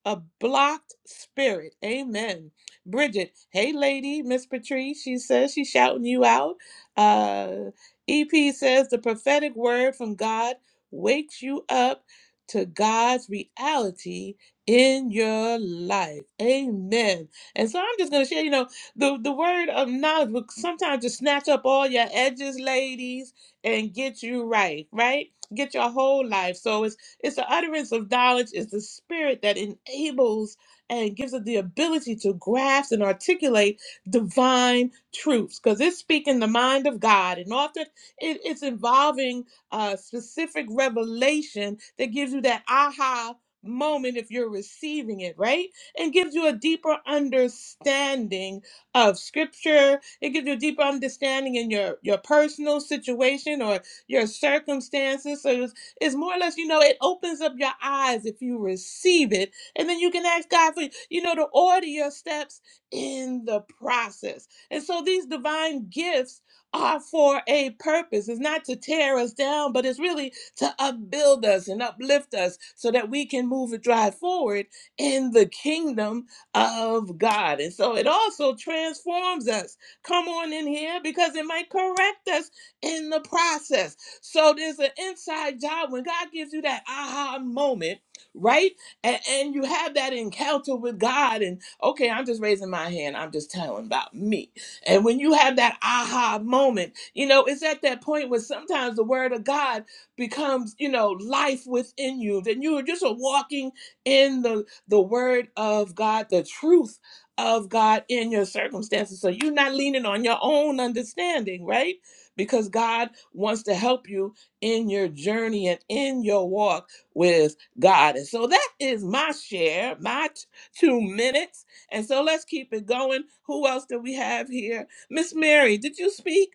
B: a blocked spirit. Amen. Bridget, hey lady, Miss Patrice, she says she's shouting you out. Uh, EP says the prophetic word from God wakes you up to God's reality in your life. Amen. And so I'm just gonna share, you know, the, the word of knowledge will sometimes just snatch up all your edges, ladies, and get you right, right? Get your whole life. So it's it's the utterance of knowledge, it's the spirit that enables and gives us the ability to grasp and articulate divine truths because it's speaking the mind of God. And often it, it's involving a specific revelation that gives you that aha moment if you're receiving it, right? And gives you a deeper understanding of scripture. It gives you a deeper understanding in your, your personal situation or your circumstances. So is more or less, you know, it opens up your eyes if you receive it. And then you can ask God for, you know, to order your steps in the process. And so these divine gifts are for a purpose. It's not to tear us down, but it's really to upbuild us and uplift us so that we can move and drive forward in the kingdom of God. And so it also transforms us. Come on in here because it might correct us in the process. So there's an inside job when God gives you that aha moment, right? And, and you have that encounter with God, and okay, I'm just raising my hand, I'm just telling about me. And when you have that aha moment, you know, it's at that point where sometimes the word of God becomes, you know, life within you. Then you are just a walking in the the word of God, the truth of God in your circumstances. So you're not leaning on your own understanding, right? because God wants to help you in your journey and in your walk with God. And so that is my share, my t- two minutes. And so let's keep it going. Who else do we have here? Miss Mary, did you speak?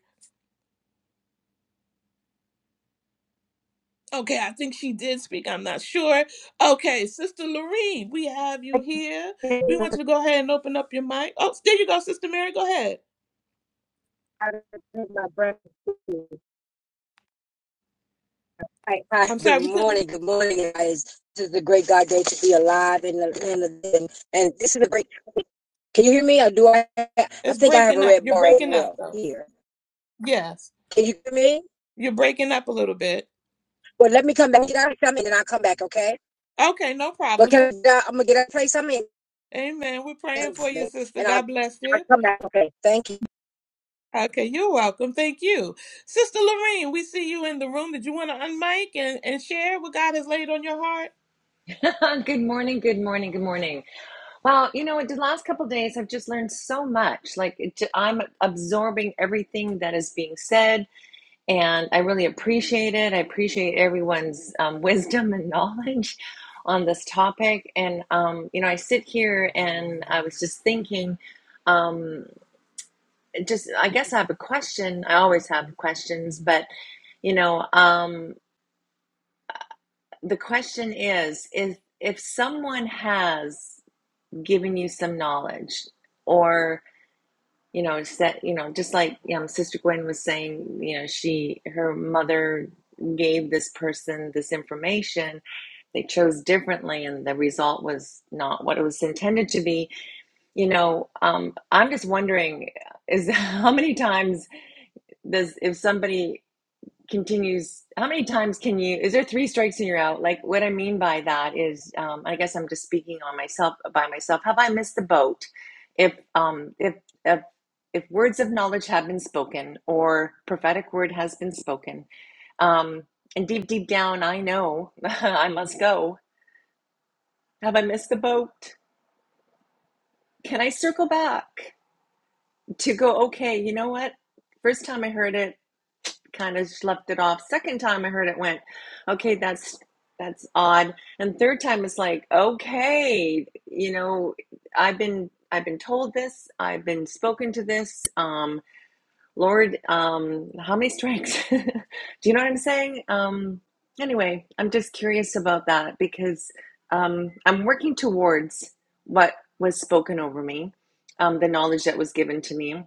B: Okay, I think she did speak. I'm not sure. Okay, Sister Lorene, we have you here. We want you to go ahead and open up your mic. Oh, there you go, Sister Mary. Go ahead.
F: Hi, hi,
B: I'm
F: good
B: sorry, we couldn't.
F: morning, good morning, guys. This is a great God day to be alive in and, and and this is a great. Can you hear me? Or do I? I
B: It's
F: think I have
B: breaking
F: a
B: up.
F: red
B: You're
F: bar as
B: breaking up,
F: well
B: though.
F: here.
B: Yes,
F: Can you hear me?
B: you're breaking up a little bit.
F: Well, let me come back. Get out of something, and I'll come back. Okay.
B: Okay, no
F: But
B: problem. So,
F: can I, uh, I'm gonna get out and play something,
B: amen. We're
F: and
B: praying for you, sister.
F: I'll,
B: God bless
F: I'll
B: you.
F: come back. Okay. Thank you.
B: Okay, you're welcome. Thank you. Sister Lorraine, we see you in the room. Did you want to unmic and, and share what God has laid on your heart?
K: good morning, good morning, good morning. Wow, you know what? The last couple days, I've just learned so much. Like, it, ju- I'm absorbing everything that is being said, and I really appreciate it. I appreciate everyone's um, wisdom and knowledge on this topic. And, um, you know, I sit here and I was just thinking, um, just, I guess I have a question. I always have questions, but, you know, um, the question is, if if someone has giving you some knowledge or you know set you know just like um, sister gwen was saying you know she her mother gave this person this information they chose differently and the result was not what it was intended to be you know um, i'm just wondering is how many times does if somebody continues how many times can you is there three strikes and you're out like what i mean by that is um i guess i'm just speaking on myself by myself have i missed the boat if um if if if words of knowledge have been spoken or prophetic word has been spoken um and deep deep down i know i must go have i missed the boat can i circle back to go okay you know what first time i heard it kind of slept it off. Second time I heard it went, okay, that's that's odd. And third time it's like, okay, you know, I've been I've been told this, I've been spoken to this. Um, Lord, um, how many strikes? Do you know what I'm saying? Um, anyway, I'm just curious about that because um, I'm working towards what was spoken over me, um, the knowledge that was given to me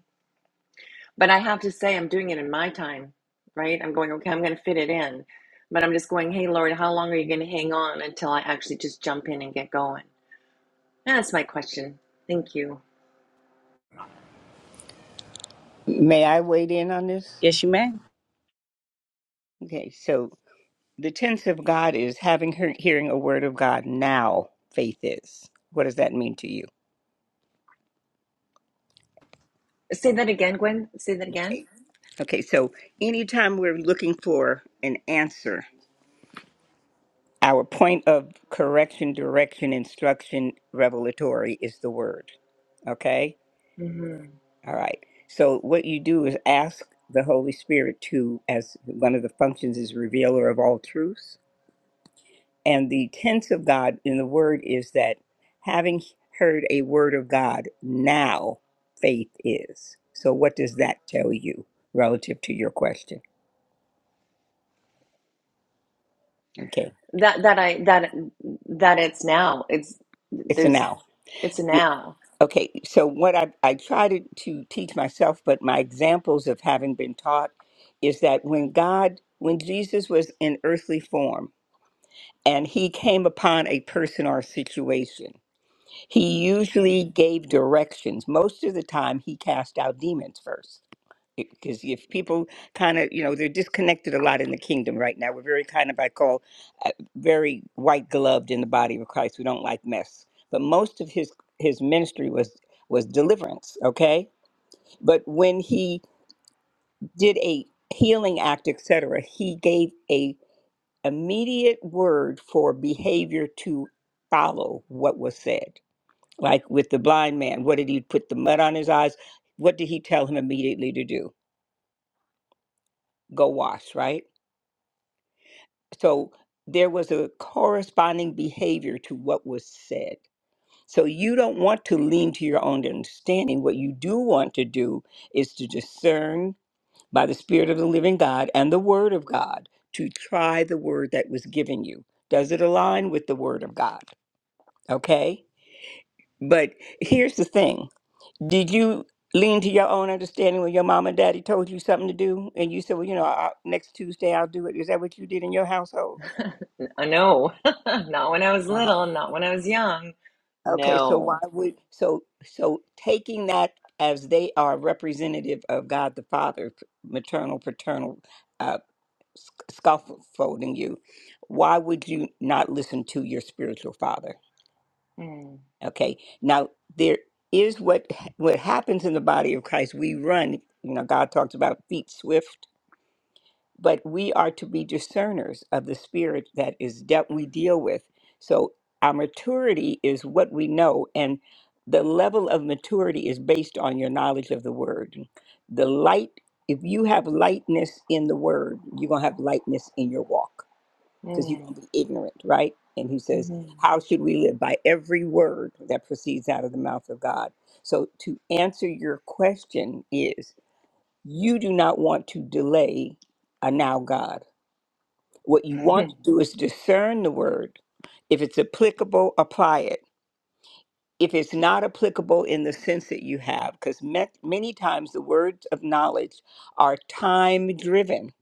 K: but I have to say, I'm doing it in my time, right? I'm going, okay, I'm going to fit it in. But I'm just going, hey, Lord, how long are you going to hang on until I actually just jump in and get going? That's my question. Thank you.
H: May I wade in on this?
E: yes you may
H: Okay, so the tense of God is having her hearing a word of God now, faith is. What does that mean to you?
K: Say that again, Gwen. Say that again.
H: Okay, so anytime we're looking for an answer, our point of correction, direction, instruction, revelatory is the word. Okay?
K: hmm
H: All right. So what you do is ask the Holy Spirit to, as one of the functions is revealer of all truths. And the tense of God in the word is that having heard a word of God, now faith is. So what does that tell you relative to your question? Okay.
K: That that I that that it's now. It's
H: It's a
K: there's
H: now.
K: it's a now.
H: Okay, so what I, I try to, to teach myself, but my examples of having been taught is that when God, when Jesus was in earthly form and he came upon a person or a situation, he
K: I,
H: usually gave directions. Most of the time, he cast out demons first because if people kind of you know they're disconnected a lot in the kingdom right now we're very kind of i call uh, very white gloved in the body of christ we don't like mess but most of his his ministry was was deliverance okay but when he did a healing act etc he gave a immediate word for behavior to follow what was said like with the blind man what did he put the mud on his eyes what did he tell him immediately to do go wash right So there was a corresponding behavior to what was said. So you don't want to lean to your own understanding. What you do want to do is to discern by the Spirit of the living God and the Word of God to try the word that was given you. Does it align with the Word of God? Okay? But here's the thing Did you lean to your own understanding when your mom and daddy told you something to do? And you said, well, you know, I, next Tuesday I'll do it. Is that what you did in your household?
K: I know. not when I was
H: Uh huh.
K: little. Not when I was young.
H: Okay, so why
K: No.
H: would so so taking that as they are representative of God the Father, p- maternal, paternal, uh, sc- scaffolding you, why would you not listen to your spiritual father?
K: Mm,
H: Okay, now there is what what happens in the body of Christ. We run, you know. God talks about feet swift but we are to be discerners of the spirit that is that we deal with so our maturity is what we know and the level of maturity is based on your knowledge of the word the light if you have lightness in the word you're going to have lightness in your walk because you're
K: mm,
H: going to be ignorant right and he says
K: mhm.
H: how should we live by every word that proceeds out of the mouth of god so to answer your question is you do not want to delay a now god what you want to do is discern the word. If it's applicable, apply it. If it's not applicable in the sense that you have, because many times the words of knowledge are time driven.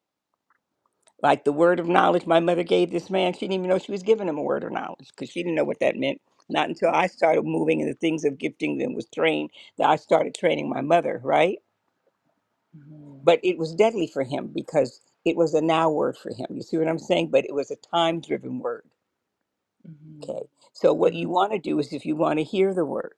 H: Like the word of knowledge my mother gave this man, she didn't even know she was giving him a word of knowledge because she didn't know what that meant. Not until I started moving in the things of gifting and was trained that I started training my mother, right?
K: Mhm, mhm,
H: But it was deadly for him because it was a now word for him. You see what I'm saying? But it was a time driven word.
K: mhm,
H: Okay. So
K: mhm,
H: what you want to do is if you want to hear the word,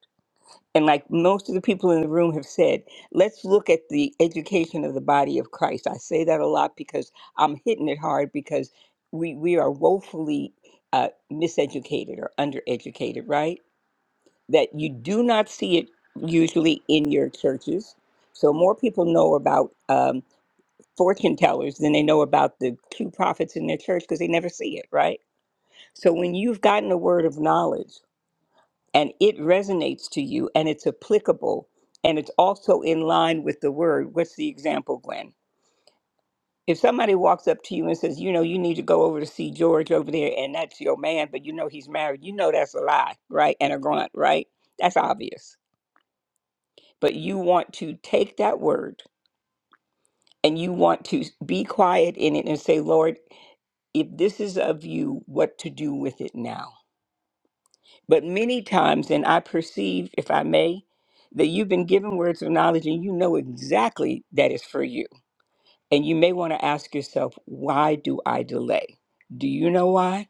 H: and like most of the people in the room have said, let's look at the education of the body of Christ. I say that a lot because I'm hitting it hard because we we are woefully uh, miseducated or undereducated, right? That you do not see it usually in your churches. So more people know about um, fortune tellers than they know about the true prophets in their church because they never see it, right? So when you've gotten a word of knowledge and it resonates to you and it's applicable and it's also in line with the word. What's the example, Gwen? If somebody walks up to you and says, you know, you need to go over to see George over there and that's your man, but you know he's married, you know that's a lie, right? And a grunt, right? That's obvious. But you want to take that word and you want to be quiet in it and say, Lord, if this is of you, what to do with it now? But many times, and I perceive, if I may, that you've been given words of knowledge and you know exactly that is for you. And you may want to ask yourself, why do I delay? Do you know why?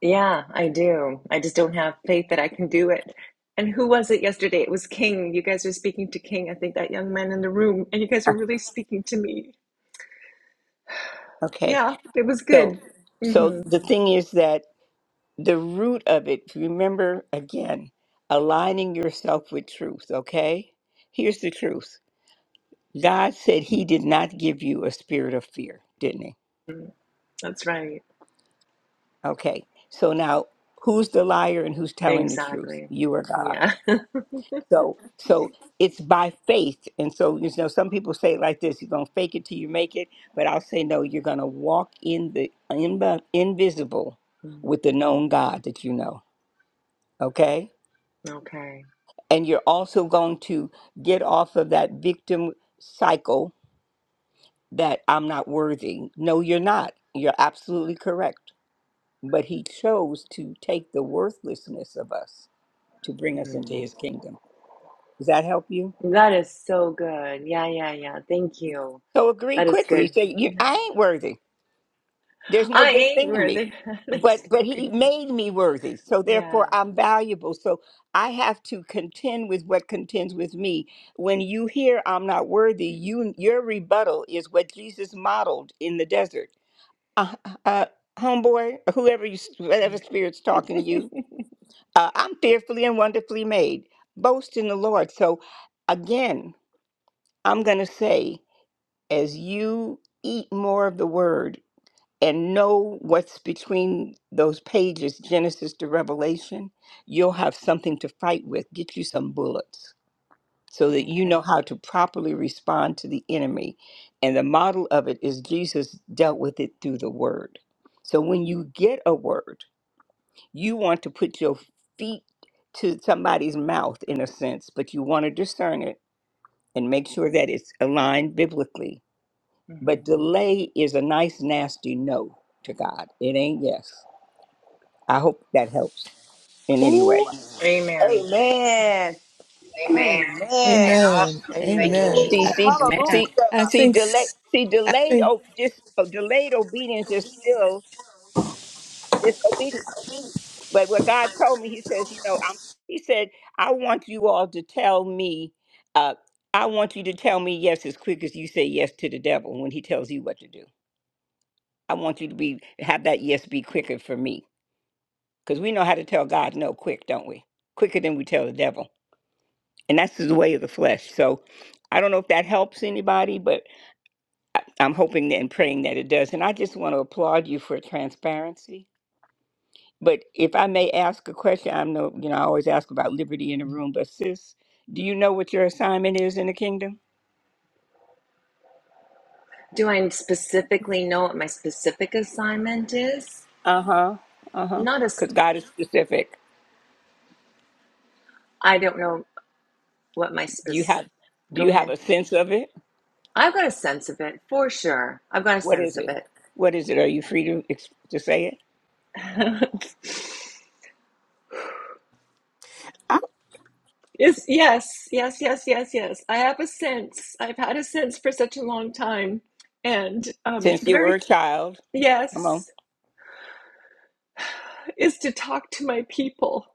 K: Yeah, I do. I just don't have faith that I can do it. And who was it yesterday? It was King. You guys were speaking to King. I think that young man in the room, and you guys were really speaking to me.
H: Okay.
K: Yeah, it was
H: So
K: good.
H: so
K: hmm
H: the thing is that the root of it, remember again, aligning yourself with truth, okay? Here's the truth. God said he did not give you a spirit of fear, didn't he?
K: That's right.
H: Okay. So now who's the liar and who's telling the truth?
K: Exactly.
H: You or God.
K: Yeah.
H: So so it's by faith. And so you know some people say it like this, you're going to fake it till you make it, but I'll say no, you're going to walk in the in the invisible
K: Mm,
H: with the known God that you know. Okay?
K: Okay.
H: And you're also going to get off of that victim cycle that I'm not worthy. No, you're not. You're absolutely correct. But he chose to take the worthlessness of us to bring us into
K: Mm.
H: his kingdom. Does that help you?
K: That is so good. Yeah, yeah, yeah. Thank you.
H: So agree
K: That is
H: quickly.
K: good.
H: Say, you, I ain't worthy. There's no
K: I
H: good
K: ain't
H: thing in
K: where
H: me.
K: they they're
H: But but he
K: talking.
H: made me worthy. So
K: Yeah.
H: therefore I'm valuable. So I have to contend with what contends with me. When you hear I'm not worthy, you your rebuttal is what Jesus modeled in the desert. Uh, uh, homeboy, whoever you whatever spirit's talking to you, uh, I'm fearfully and wonderfully made. Boast in the Lord. So again, I'm going to say as you eat more of the word and know what's between those pages, Genesis to Revelation, you'll have something to fight with. Get you some bullets so that you know
K: Okay.
H: how to properly respond to the enemy. And the model of it is Jesus dealt with it through the word. So when you get a word, you want to put your feet to somebody's mouth in a sense, but you want to discern it and make sure that it's aligned biblically but
K: hmm
H: delay is a nice, nasty no to God. It ain't yes. I hope that helps in any way.
C: Ooh,
K: Amen.
C: amen.
F: Amen. Amen.
C: Amen.
B: Amen.
F: Awesome. Thank you,
B: Amen.
H: See,
J: Amen.
C: Ooh,
B: I,
H: see,
F: Jesus.
E: Amen.
H: see,
B: I
C: hallelujah.
H: see,
B: think,
H: delay,
B: s-
H: see,
B: I
H: delayed,
B: think,
H: oh, dis, oh, delayed obedience is still disobedience. But what God told me, He says, you know, I'm, He said, I want you all to tell me, uh, I want you to tell me yes as quick as you say yes to the devil when he tells you what to do. I want you to be have that yes be quicker for me Because we know how to tell God no quick, don't we? Quicker than we tell the devil. And that's the way of the flesh. So I don't know if that helps anybody, but I- I'm hoping and praying that it does. And I just want to applaud you for transparency. But if I may ask a question, I know, you know, I always ask about liberty in the room, but sis, do you know what your assignment is in the kingdom?
K: Do I specifically know what my specific assignment is?
H: Uh huh. Uh huh.
K: Not as
H: Because God is specific.
K: I don't know what my
H: Do
K: spec.
H: you have do
K: Go
H: you have
K: ahead.
H: a sense of it?
K: I've got a sense of it for sure. I've got a
H: What
K: sense
H: is
K: of
H: it?
K: it.
H: What is it? Are you free to ex- to say it?
K: Yes, yes, yes, yes, yes, yes. I have a sense. I've had a sense for such a long time, and um,
H: Since
K: the
H: you were
K: very
H: a child, Come on.
K: yes is to talk to my people.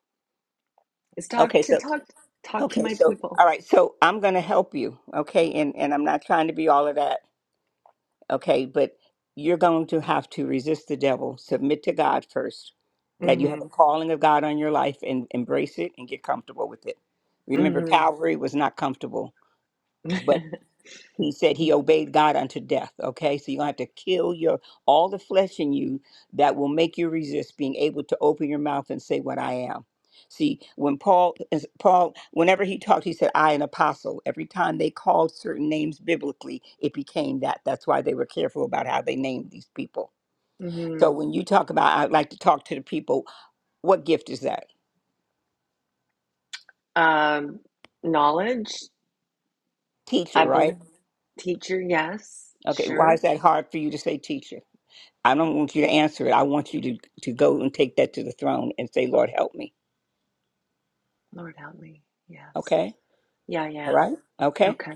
K: Is talk
H: Okay,
K: to
H: so
K: talk talk to
H: okay,
K: my
H: so
K: people.
H: all right, so I'm gonna help you, okay, and and I'm not trying to be all of that, okay, but you're going to have to resist the devil, submit to God first, that you have a
K: Mm-hmm.
H: calling of God on your life and embrace it and get comfortable with it. Remember,
K: Mm-hmm.
H: Calvary was not comfortable, but. he said he obeyed God unto death. Okay, so you're gonna have to kill your all the flesh in you that will make you resist being able to open your mouth and say what I am. See, when Paul is- Paul, whenever he talked, he said, I an apostle. Every time they called certain names biblically, it became that. That's why they were careful about how they named these people.
K: mm-hmm.
H: So when you talk about I'd like to talk to the people, what gift is that?
K: Um, knowledge. I
H: Teacher, right?
K: believe. Teacher, yes.
H: Okay, why
K: Sure.
H: is that hard for you to say teacher? I don't want you to answer it. I want you to, to go and take that to the throne and say, Lord, help me.
K: Lord help me. Yes.
H: Okay?
K: Yeah,
H: All
K: yeah.
H: right? Okay?
K: Okay.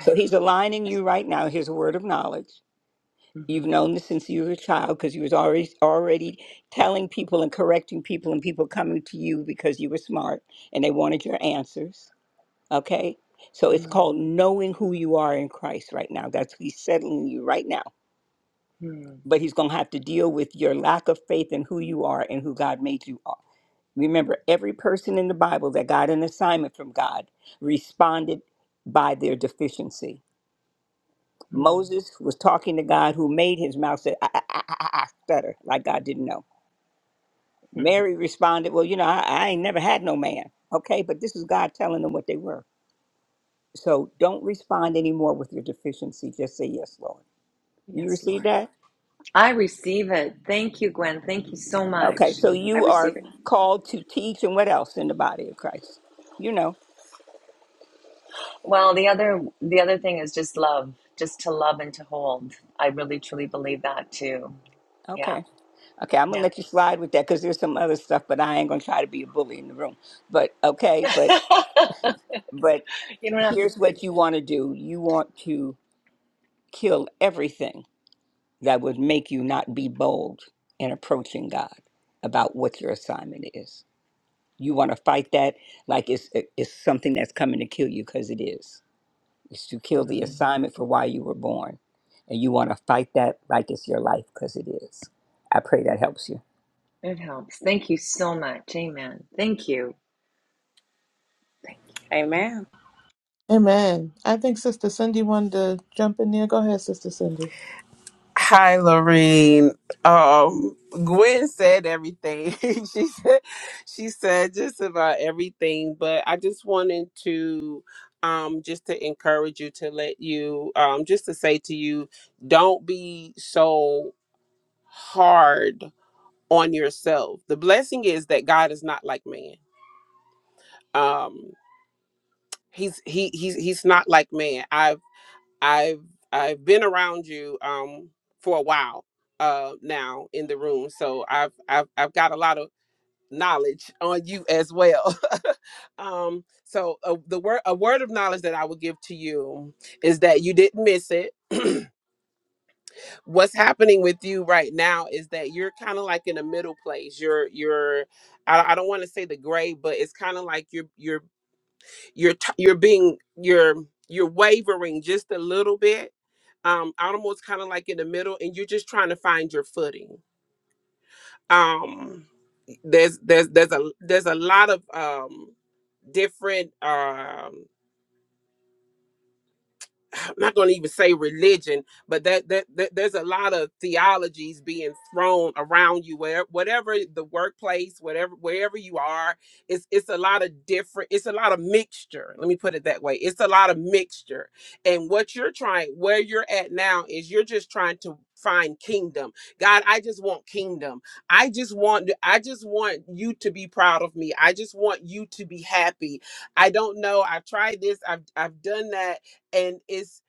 H: So he's aligning you right now. Here's a word of knowledge. You've
K: hmm
H: known this since you were a child because you was already already telling people and correcting people and people coming to you because you were smart and they wanted your answers. Okay? So it's
K: mm
H: called knowing who you are in Christ right now. That's he's settling you right now.
K: mm
H: But he's gonna have to deal with your lack of faith in who you are and who God made you Remember, every person in the Bible that got an assignment from God responded by their deficiency.
K: mm
H: Moses was talking to God, who made his mouth say, I, I, I, I, I," stutter, like God didn't know.
K: mm.
H: Mary responded, Well, you know, I, I ain't never had no man. Okay, but this is God telling them what they were. So don't respond anymore with your deficiency. Just say, Yes, Lord. You
K: Yes,
H: receive
K: Lord.
H: that?
K: I receive it. Thank you, Gwen. Thank you so much.
H: Okay, so
K: I
H: you
K: receive
H: are
K: it.
H: called to teach and what else in the body of Christ? You know,
K: Well, the other the other thing is just love, just to love and to hold. I really truly believe that too. Yeah.
H: okay. Okay, I'm gonna
K: Yeah.
H: let you slide with that because there's some other stuff, but I ain't gonna try to be a bully in the room. But okay, but but
K: you don't have to
H: here's
K: it,
H: what you want to do. You want to kill everything that would make you not be bold in approaching God about what your assignment is. You want to fight that like it's it's something that's coming to kill you because it is. It's to kill the Mhm.
K: mm,
H: assignment for why you were born, and you want to fight that like it's your life because it is. I pray that helps you.
K: it helps. Thank you so much. Amen. Thank you.
B: amen. I think Sister Cindy wanted to jump in there. Go ahead, Sister Cindy.
J: Hi, Lorene. Um, Gwen said everything. she said she said just about everything, but I just wanted to um just to encourage you to let you um just to say to you, don't be so hard on yourself. The blessing is that God is not like man. Um he's he he's he's not like man. I've I've been around you um for a while uh now in the room, so I've I've I've got a lot of knowledge on you as well. um, so uh, the word a word of knowledge that I would give to you is that you didn't miss it. What's happening with you right now is that you're kind of like in a middle place. You're you're I, I don't want to say the gray, but it's kind of like you're you're you're t- you're being you're you're wavering just a little bit um almost kind of like in the middle and you're just trying to find your footing um there's there's there's a there's a lot of um different um I'm not going to even say religion, but that, that that there's a lot of theologies being thrown around you where whatever the workplace, whatever wherever you are, it's it's a lot of different, it's a lot of mixture. Let me put it that way. It's a lot of mixture. And what you're trying where you're at now is you're just trying to find kingdom. God, I just want kingdom. I just want I just want you to be proud of me. I just want you to be happy. I don't know. I've tried this. I've I've done that and it's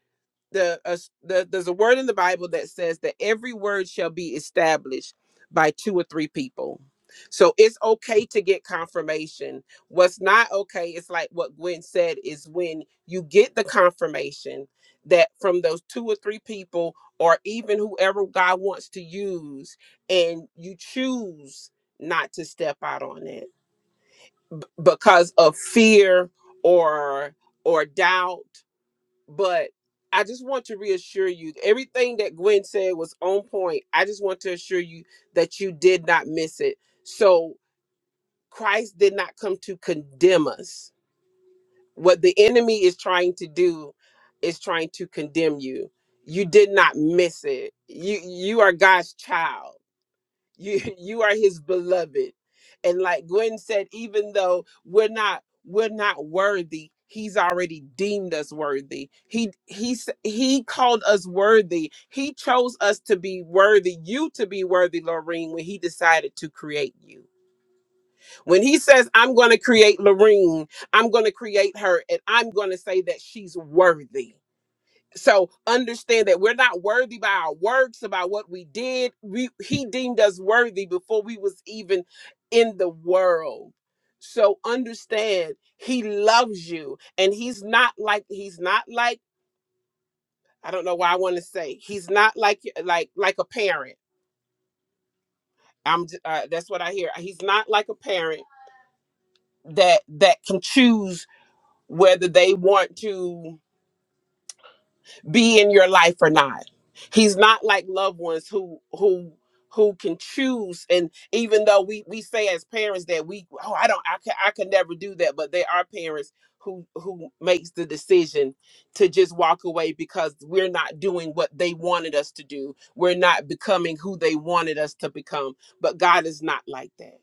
J: the, uh, the there's a word in the Bible that says that every word shall be established by two or three people. So it's okay to get confirmation. What's not okay is like what Gwen said is when you get the confirmation that from those two or three people or even whoever God wants to use and you choose not to step out on it because of fear or or doubt but I just want to reassure you everything that Gwen said was on point. I just want to assure you that you did not miss it. So Christ did not come to condemn us. What the enemy is trying to do is trying to condemn you. You did not miss it. You you are God's child you you are his beloved and like gwen said even though we're not we're not worthy he's already deemed us worthy he he s- he called us worthy he chose us to be worthy you to be worthy Lorene, when he decided to create you when he says i'm going to create Lorene. i'm going to create her and i'm going to say that she's worthy so understand that we're not worthy by our works, about what we did. We he deemed us worthy before we was even in the world. So understand he loves you and he's not like he's not like I don't know why I want to say he's not like like like a parent. I'm j- uh, that's what I hear. He's not like a parent that that can choose whether they want to be in your life or not. He's not like loved ones who who who can choose. And even though we we say as parents that we oh I don't I can I can never do that, but there are parents who who makes the decision to just walk away because we're not doing what they wanted us to do. We're not becoming who they wanted us to become. But God is not like that.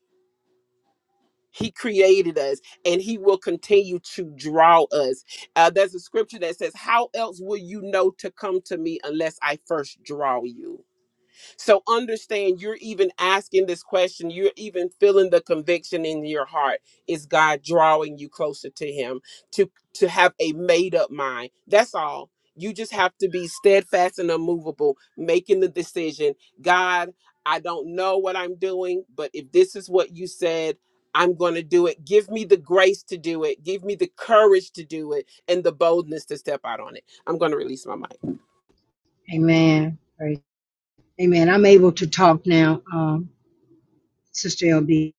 J: He created us and he will continue to draw us. Uh, there's a scripture that says, How else will you know to come to me unless I first draw you? So understand you're even asking this question, you're even feeling the conviction in your heart. Is God drawing you closer to him to to have a made up mind? That's all. You just have to be steadfast and unmovable, making the decision, God, I don't know what I'm doing, but if this is what you said, I'm going to do it. Give me the grace to do it. Give me the courage to do it and the boldness to step out on it. I'm going to release my mic.
F: Amen. Amen. I'm able to talk now, um, Sister LB.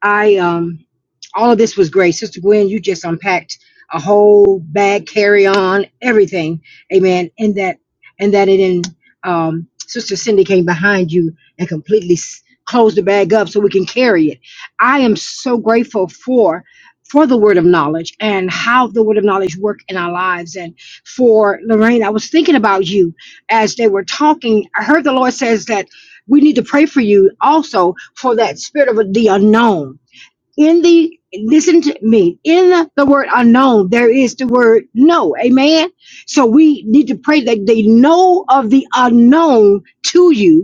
F: I um, all of this was great, Sister Gwen. You just unpacked a whole bag, carry on everything. Amen. And that, and that it in um, Sister Cindy came behind you and completely s- closed the bag up so we can carry it. I am so grateful for for the word of knowledge and how the word of knowledge work in our lives and for Lorraine I was thinking about you as they were talking I heard the Lord says that we need to pray for you also for that spirit of the unknown. In the listen to me, in the word unknown, there is the word no. Amen. So we need to pray that they know of the unknown to you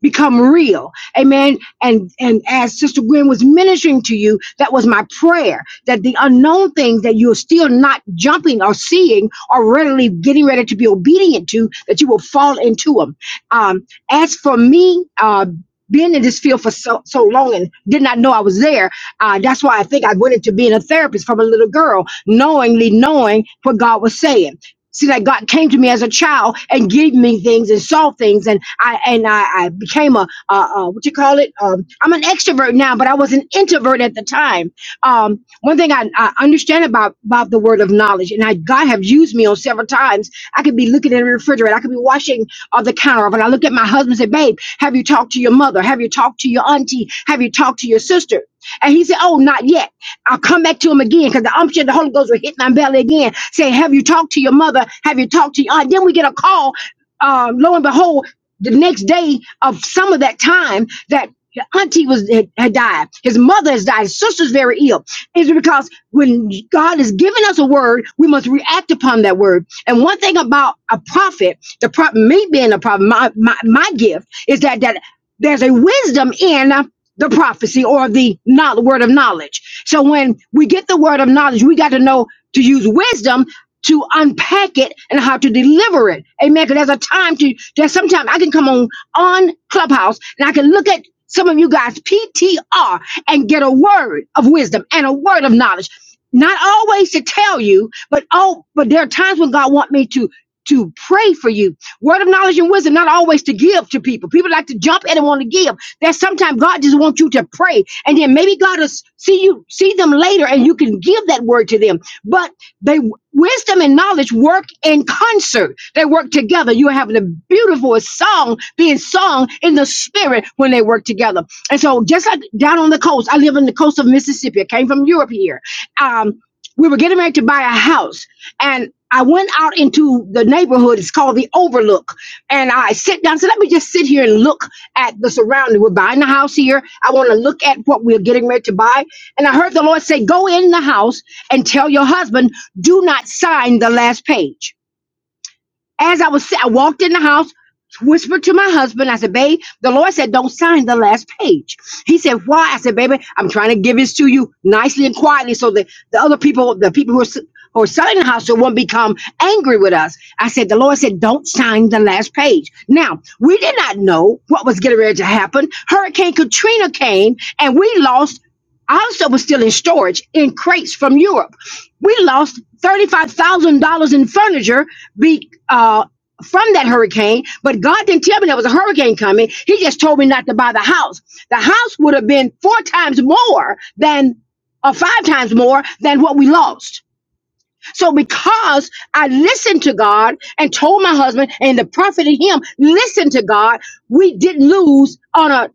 F: become real. Amen. And and as Sister Gwen was ministering to you, that was my prayer that the unknown things that you're still not jumping or seeing or readily getting ready to be obedient to, that you will fall into them. Um, as for me, uh, being in this field for so, so long and did not know I was there, uh, that's why I think I went into being a therapist from a little girl, knowingly knowing what God was saying. See, like God came to me as a child and gave me things and saw things, and I and I, I became a uh, uh, what you call it? Um, I'm an extrovert now, but I was an introvert at the time. Um, one thing I, I understand about about the word of knowledge, and I, God have used me on several times. I could be looking at the refrigerator, I could be washing on the counter, but I look at my husband and say, "Babe, have you talked to your mother? Have you talked to your auntie? Have you talked to your sister?" And he said, "Oh, not yet." I'll come back to him again because the umption, the Holy Ghost will hit my belly again, saying, Have you talked to your mother? Have you talked to your aunt? Then we get a call, um, lo and behold, the next day of some of that time that your auntie was had, had died, his mother has died, his sister's very ill. It's because when God has given us a word, we must react upon that word. And one thing about a prophet, the prophet, me being a prophet, my, my, my gift is that that there's a wisdom in the prophecy or the not word of knowledge. So when we get the word of knowledge, we got to know to use wisdom to unpack it and how to deliver it. Amen. Because there's a time to there's sometimes I can come on on Clubhouse and I can look at some of you guys PTR and get a word of wisdom and a word of knowledge. Not always to tell you, but oh, but there are times when God want me to to pray for you. Word of knowledge and wisdom, not always to give to people. People like to jump in and want to give. That sometimes God just wants you to pray, and then maybe God will see you see them later, and you can give that word to them. But they wisdom and knowledge work in concert. They work together. You're having a beautiful song being sung in the spirit when they work together. And so, just like down on the coast, I live on the coast of Mississippi. I came from Europe here. Um, we were getting ready to buy a house, and I went out into the neighborhood. It's called the Overlook, and I sit down. So let me just sit here and look at the surrounding. We're buying the house here. I want to look at what we're getting ready to buy. And I heard the Lord say, Go in the house and tell your husband, do not sign the last page. As I was, sa- I walked in the house, whispered to my husband. I said, "Babe, the Lord said don't sign the last page." He said, "Why?" I said, "Baby, I'm trying to give this to you nicely and quietly, so that the other people, the people who are." s- Who are selling the house so won't become angry with us. I said, the Lord said, don't sign the last page. Now, we did not know what was getting ready to happen. Hurricane Katrina came and we lost our stuff was still in storage in crates from Europe. We lost $35,000 in furniture be, uh, from that hurricane, but God didn't tell me there was a hurricane coming. He just told me not to buy the house. The house would have been four times more than, or five times more than what we lost. So because I listened to God and told my husband and the prophet and him, listen to God, we didn't lose on a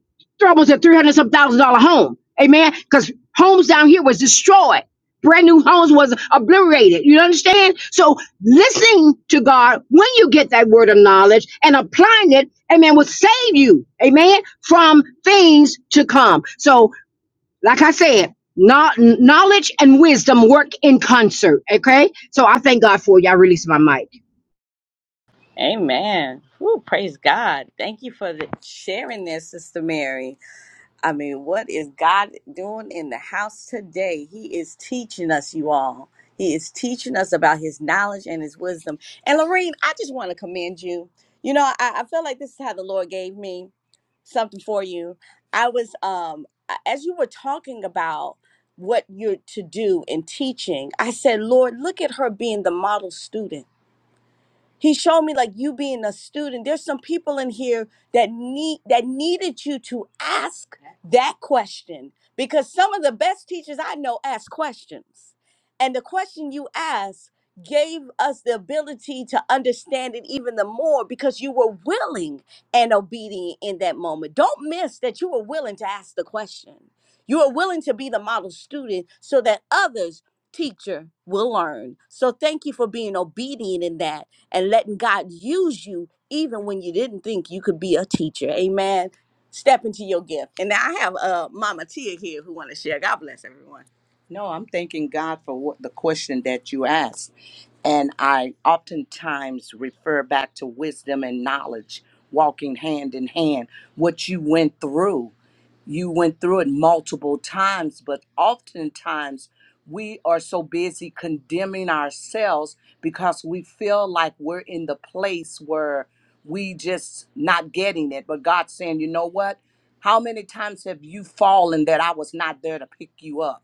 F: almost a three hundred some thousand dollar home. Amen. Because homes down here was destroyed. Brand new homes was obliterated. You understand? So listening to God when you get that word of knowledge and applying it, amen, will save you, amen, from things to come. So like I said, kno- knowledge and wisdom work in concert. Okay, so I thank God for you. I release my mic.
E: Amen. Woo, praise God. Thank you for the sharing this, Sister Mary. I mean, what is God doing in the house today? He is teaching us, you all. He is teaching us about his knowledge and his wisdom. And Lorene, I just want to commend you. You know, I, I feel like this is how the Lord gave me something for you. I was um as you were talking about what you're to do in teaching, I said, Lord, look at her being the model student He showed me like you being a student. There's some people in here that need that needed you to ask that question because some of the best teachers I know ask questions. And the question you asked gave us the ability to understand it even the more because you were willing and obedient in that moment. Don't miss that you were willing to ask the question. You are willing to be the model student so that others, teacher, will learn. So thank you for being obedient in that and letting God use you even when you didn't think you could be a teacher. Amen. Step into your gift. And now I have uh Mama Tia here who want to share. God bless everyone. No, I'm thanking God for what the question that you asked. And I oftentimes refer back to wisdom and knowledge walking hand in hand. What you went through, you went through it multiple times, but oftentimes we are so busy condemning ourselves because we feel like we're in the place where we just not getting it. But God's saying, you know what? How many times have you fallen that I was not there to pick you up?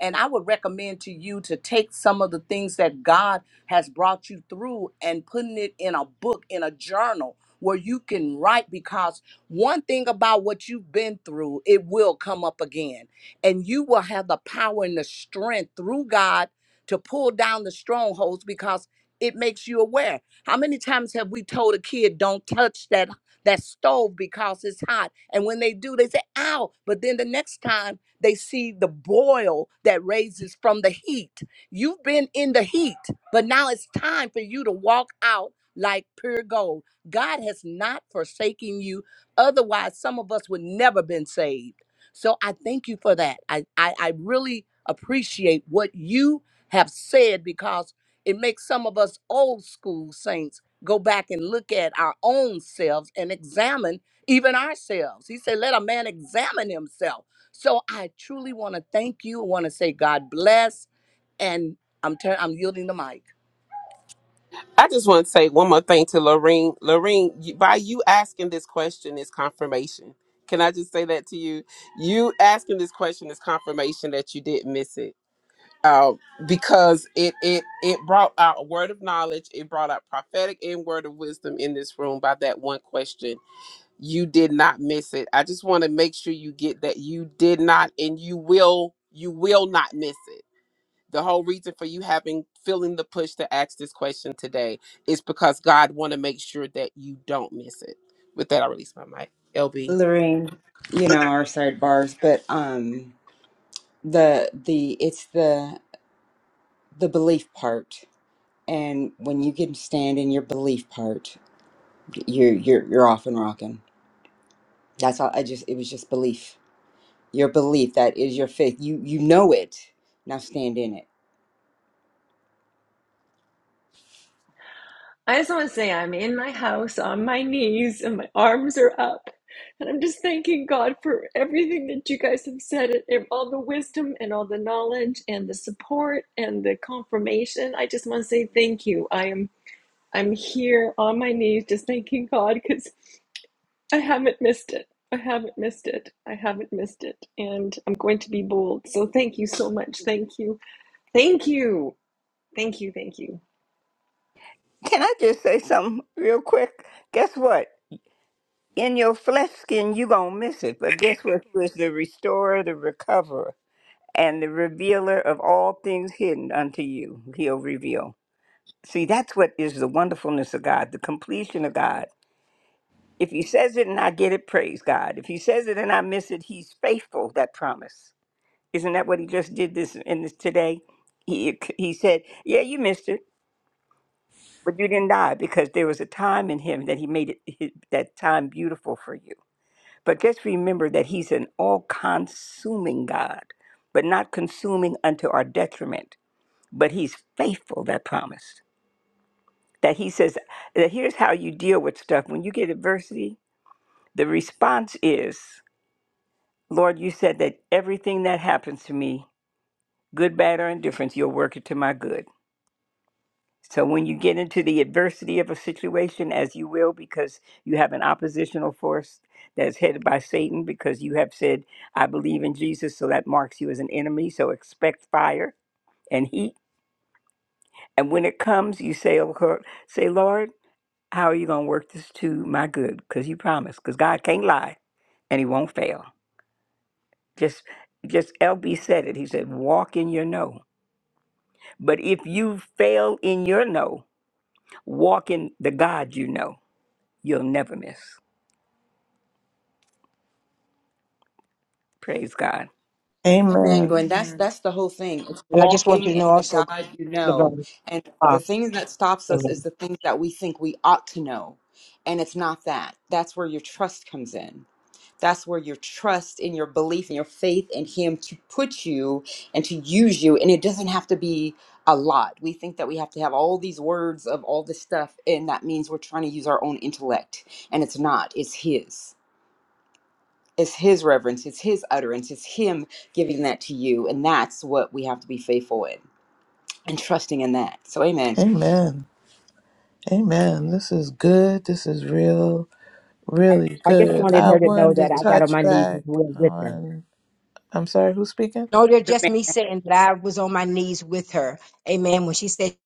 E: And I would recommend to you to take some of the things that God has brought you through and putting it in a book, in a journal where you can write. Because one thing about what you've been through, it will come up again. And you will have the power and the strength through God to pull down the strongholds because it makes you aware. How many times have we told a kid, don't touch that? That stove because it's hot. And when they do, they say, ow. But then the next time they see the boil that raises from the heat You've been in the heat, but now it's time for you to walk out like pure gold. God has not forsaken you. Otherwise, some of us would never been saved. So I thank you for that. I, I, I really appreciate what you have said because it makes some of us old school saints go back and look at our own selves and examine even ourselves. He said, Let a man examine himself. So I truly want to thank you. I want to say, God bless. And I'm turn I'm yielding the mic.
J: I just want to say one more thing to Lorene. Lorene, you- by you asking this question is confirmation. Can I just say that to you? You asking this question is confirmation that you didn't miss it. Uh, because it it it brought out a word of knowledge, it brought out prophetic and word of wisdom in this room by that one question. You did not miss it. I just want to make sure you get that you did not and you will you will not miss it the whole reason for you having feeling the push to ask this question today is because God want to make sure that you don't miss it. With that, I release my mic. LB.
D: Lorraine, you know our sidebars, but um, the the it's the the belief part and when you can stand in your belief part you're you're you're off and rocking that's all i just it was just belief your belief that is your faith you you know it now stand in it
K: I just want to say I'm in my house on my knees and my arms are up. And I'm just thanking God for everything that you guys have said and and all the wisdom and all the knowledge and the support and the confirmation. I just want to say thank you. I am I'm here on my knees just thanking God cuz I haven't missed it. I haven't missed it. I haven't missed it. And I'm going to be bold. So thank you so much. Thank you. Thank you. Thank you. Thank you.
H: Can I just say something real quick? Guess what? In your flesh skin, you going to miss it. But guess what? Who is the restorer, the recoverer, and the revealer of all things hidden unto you? He'll reveal. See, that's what is the wonderfulness of God, the completion of God. If He says it and I get it, praise God. If He says it and I miss it, He's faithful, that promise. Isn't that what He just did this in this today? He, he said, Yeah, you missed it but you didn't die because there was a time in him that he made it, hi- that time beautiful for you. But just remember that he's an all consuming God, but not consuming unto our detriment. But he's faithful, that promise. That he says, that here's how you deal with stuff. When you get adversity, the response is, Lord, you said that everything that happens to me, good, bad, or indifference, you'll work it to my good. So when you get into the adversity of a situation, as you will, because you have an oppositional force that's headed by Satan, because you have said, I believe in Jesus, so that marks you as an enemy. So expect fire and heat. And when it comes, you say, oh, Lord- say, Lord, how are you going to work this to my good? Because you promised, because God can't lie and he won't fail. Just, just LB said it. He said, walk in your no. But if you fail in your no, walk in the God you know, you'll never miss. Praise God.
D: Amen,
B: Amen.
D: Gwen. That's
K: Amen.
D: that's the whole thing. It's
F: And I just want
D: walking
F: you to
D: in
F: know
D: the
F: also,
D: God you know.
F: Laverne,
D: And the
F: uh,
D: thing that stops us is
F: amen.
D: the things that we think we ought to know. And it's not that. That's where your trust comes in. That's where your trust in your belief and your faith in him to put you and to use you. And it doesn't have to be a lot. We think that we have to have all these words of all this stuff, and that means we're trying to use our own intellect. And it's not, it's his it's his reverence it's his utterance it's him giving that to you and that's what we have to be faithful in and trusting in that so amen
B: Amen. Amen. This is good. This is real, really
F: I just
B: good.
F: wanted
B: I
F: her to know
B: wanted to
F: that I got on
B: touch
F: my knees
B: back
F: with with her.
B: on. I'm sorry, who's speaking?
F: No, they're just me saying that I was on my knees with her. Amen. When she said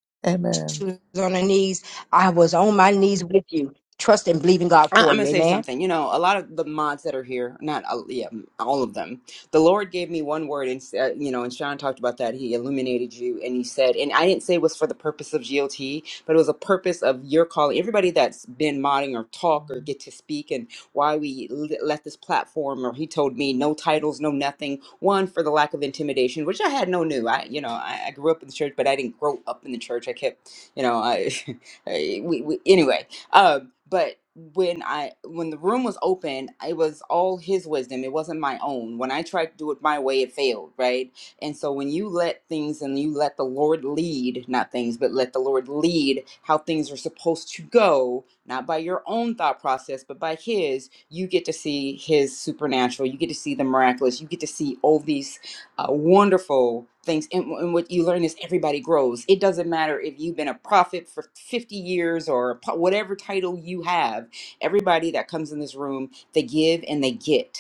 F: she
B: Amen.
F: was on her knees, I was on my knees with you. Trust and believe in God
D: I-
F: for
D: I'm gonna
F: you.
D: say
F: Amen.
D: something. You know, a lot of the mods that are here, not all, yeah, all of them. The Lord gave me one word, and uh, you know, and Sean talked about that. He illuminated you, and he said, and I didn't say it was for the purpose of GLT, but it was a purpose of your calling. Everybody that's been modding or talk or get to speak, and why we l- left this platform, or he told me no titles, no nothing. One for the lack of intimidation, which I had no new. I, you know, I, I grew up in the church, but I didn't grow up in the church. I kept, you know, I, I we, we anyway um, but when I when the room was open, it was all his wisdom. It wasn't my own. When I tried to do it my way, it failed, right? And so when you let things and you let the Lord lead, not things, but let the Lord lead how things are supposed to go, not by your own thought process, but by his, you get to see his supernatural. You get to see the miraculous. You get to see all these uh, wonderful things. And, and what you learn is everybody grows. It doesn't matter if you've been a prophet for 50 years or a po- whatever title you have, everybody that comes in this room, they give and they get.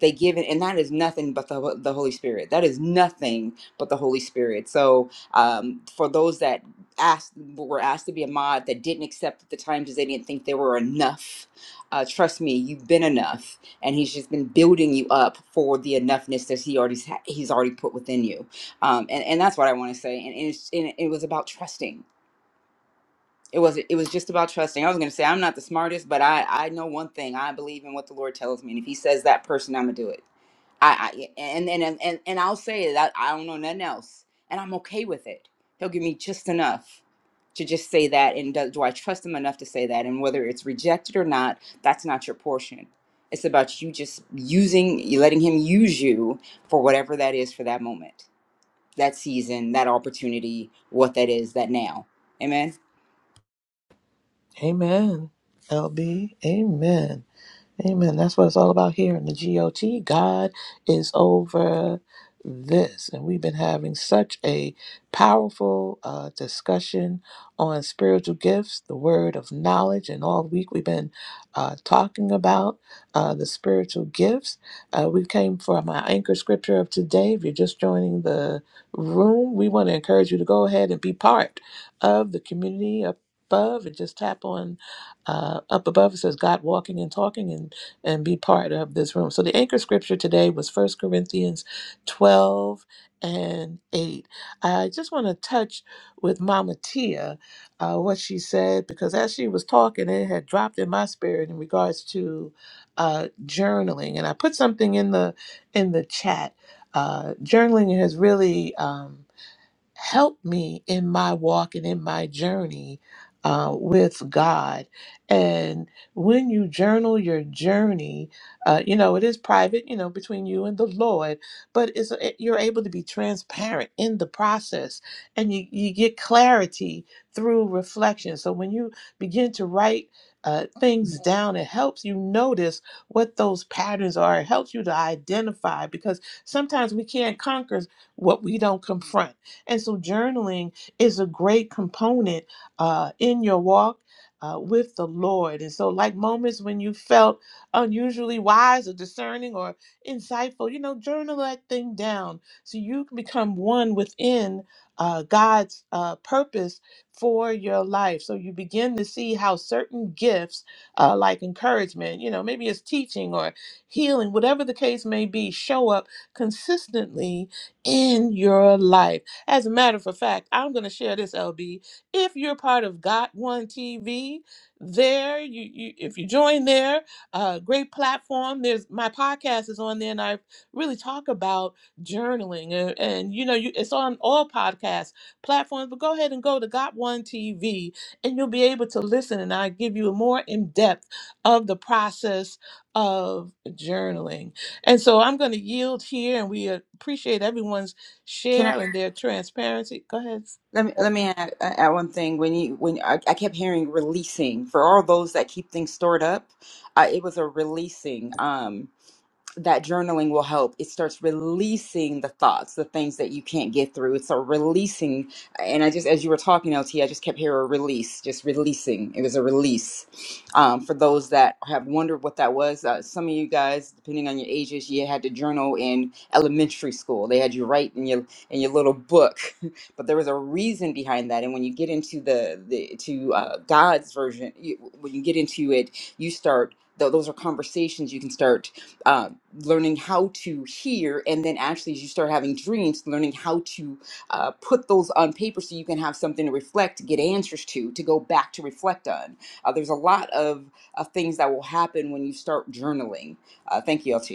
D: They give, and and that is nothing but the, the Holy Spirit. That is nothing but the Holy Spirit. So, um, for those that asked were asked to be a mod that didn't accept at the time because they didn't think they were enough, uh, trust me, you've been enough and he's just been building you up for the enoughness that he already ha- he's already put within you um, and, and that's what i want to say and, and, it's, and it was about trusting it wasn't. It was just about trusting. I was going to say I'm not the smartest, but I I know one thing. I believe in what the Lord tells me, and if He says that person, I'm gonna do it. I, I yeah, and, and and and and I'll say that I, I don't know nothing else, and I'm okay with it. He'll give me just enough to just say that, and do, do I trust him enough to say that? And whether it's rejected or not, that's not your portion. It's about you just using, you letting him use you for whatever that is for that moment, that season, that opportunity, what that is, that now. Amen.
B: Amen. LB. Amen. Amen. That's what it's all about here in the GOT. God is over this. And we've been having such a powerful uh, discussion on spiritual gifts, the word of knowledge. And all week we've been uh, talking about uh, the spiritual gifts. Uh, we came from our anchor scripture of today. If you're just joining the room, we want to encourage you to go ahead and be part of the community up above and just tap on uh, up above. It says God walking and talking. And and be part of this room. So the anchor scripture today was First Corinthians 12 and 8. I just want to touch with Mama Tia uh, what she said because as she was talking, it had dropped in my spirit in regards to uh, journaling. And I put something in the in the chat. Uh, journaling has really. um, help me in my walk and in my journey uh, with God. And when you journal your journey, uh, you know, it is private, you know, between you and the Lord, but it's, it, you're able to be transparent in the process and you, you get clarity through reflection. So when you begin to write, uh, things down, it helps you notice what those patterns are. It helps you to identify because sometimes we can't conquer what we don't confront and so, journaling is a great component uh, in your walk. Uh, with the Lord. And so, like moments when you felt unusually wise or discerning or insightful, you know, journal that thing down so you can become one within uh, God's uh, purpose for your life. So you begin to see how certain gifts, uh, like encouragement, you know, maybe it's teaching or healing, whatever the case may be, show up consistently in your life. As a matter of fact, I'm going to share this, LB. If you're part of Got One TV, there you, you if you join there, uh, great platform. There's my podcast is on there, and I really talk about journaling, and, and you know, you it's on all podcast platforms. But go ahead and go to Got One TV, and you'll be able to listen, and I give you a more in depth of the process of journaling. And so I'm going to yield here, and we appreciate everyone's share and their transparency. Go ahead.
D: Let me let me add, add one thing. When you when I, I kept hearing releasing releasing. for all those that keep things stored up, uh, it was a releasing. Um, that journaling will help. It starts releasing the thoughts, the things that you can't get through. It's a releasing. And I just, as you were talking, LT, I just kept hearing release, just releasing. It was a release. Um, for those that have wondered what that was, uh, some of you guys, depending on your ages, you had to journal in elementary school. They had you write in your in your little book, but there was a reason behind that. And when you get into the the to uh, God's version, you, when you get into it, you start. tho- Those are conversations you can start uh, learning how to hear, and then actually, as you start having dreams, learning how to uh, put those on paper so you can have something to reflect, get answers to, to go back to reflect on. Uh, there's a lot of, of things that will happen when you start journaling. Uh, thank you, LT.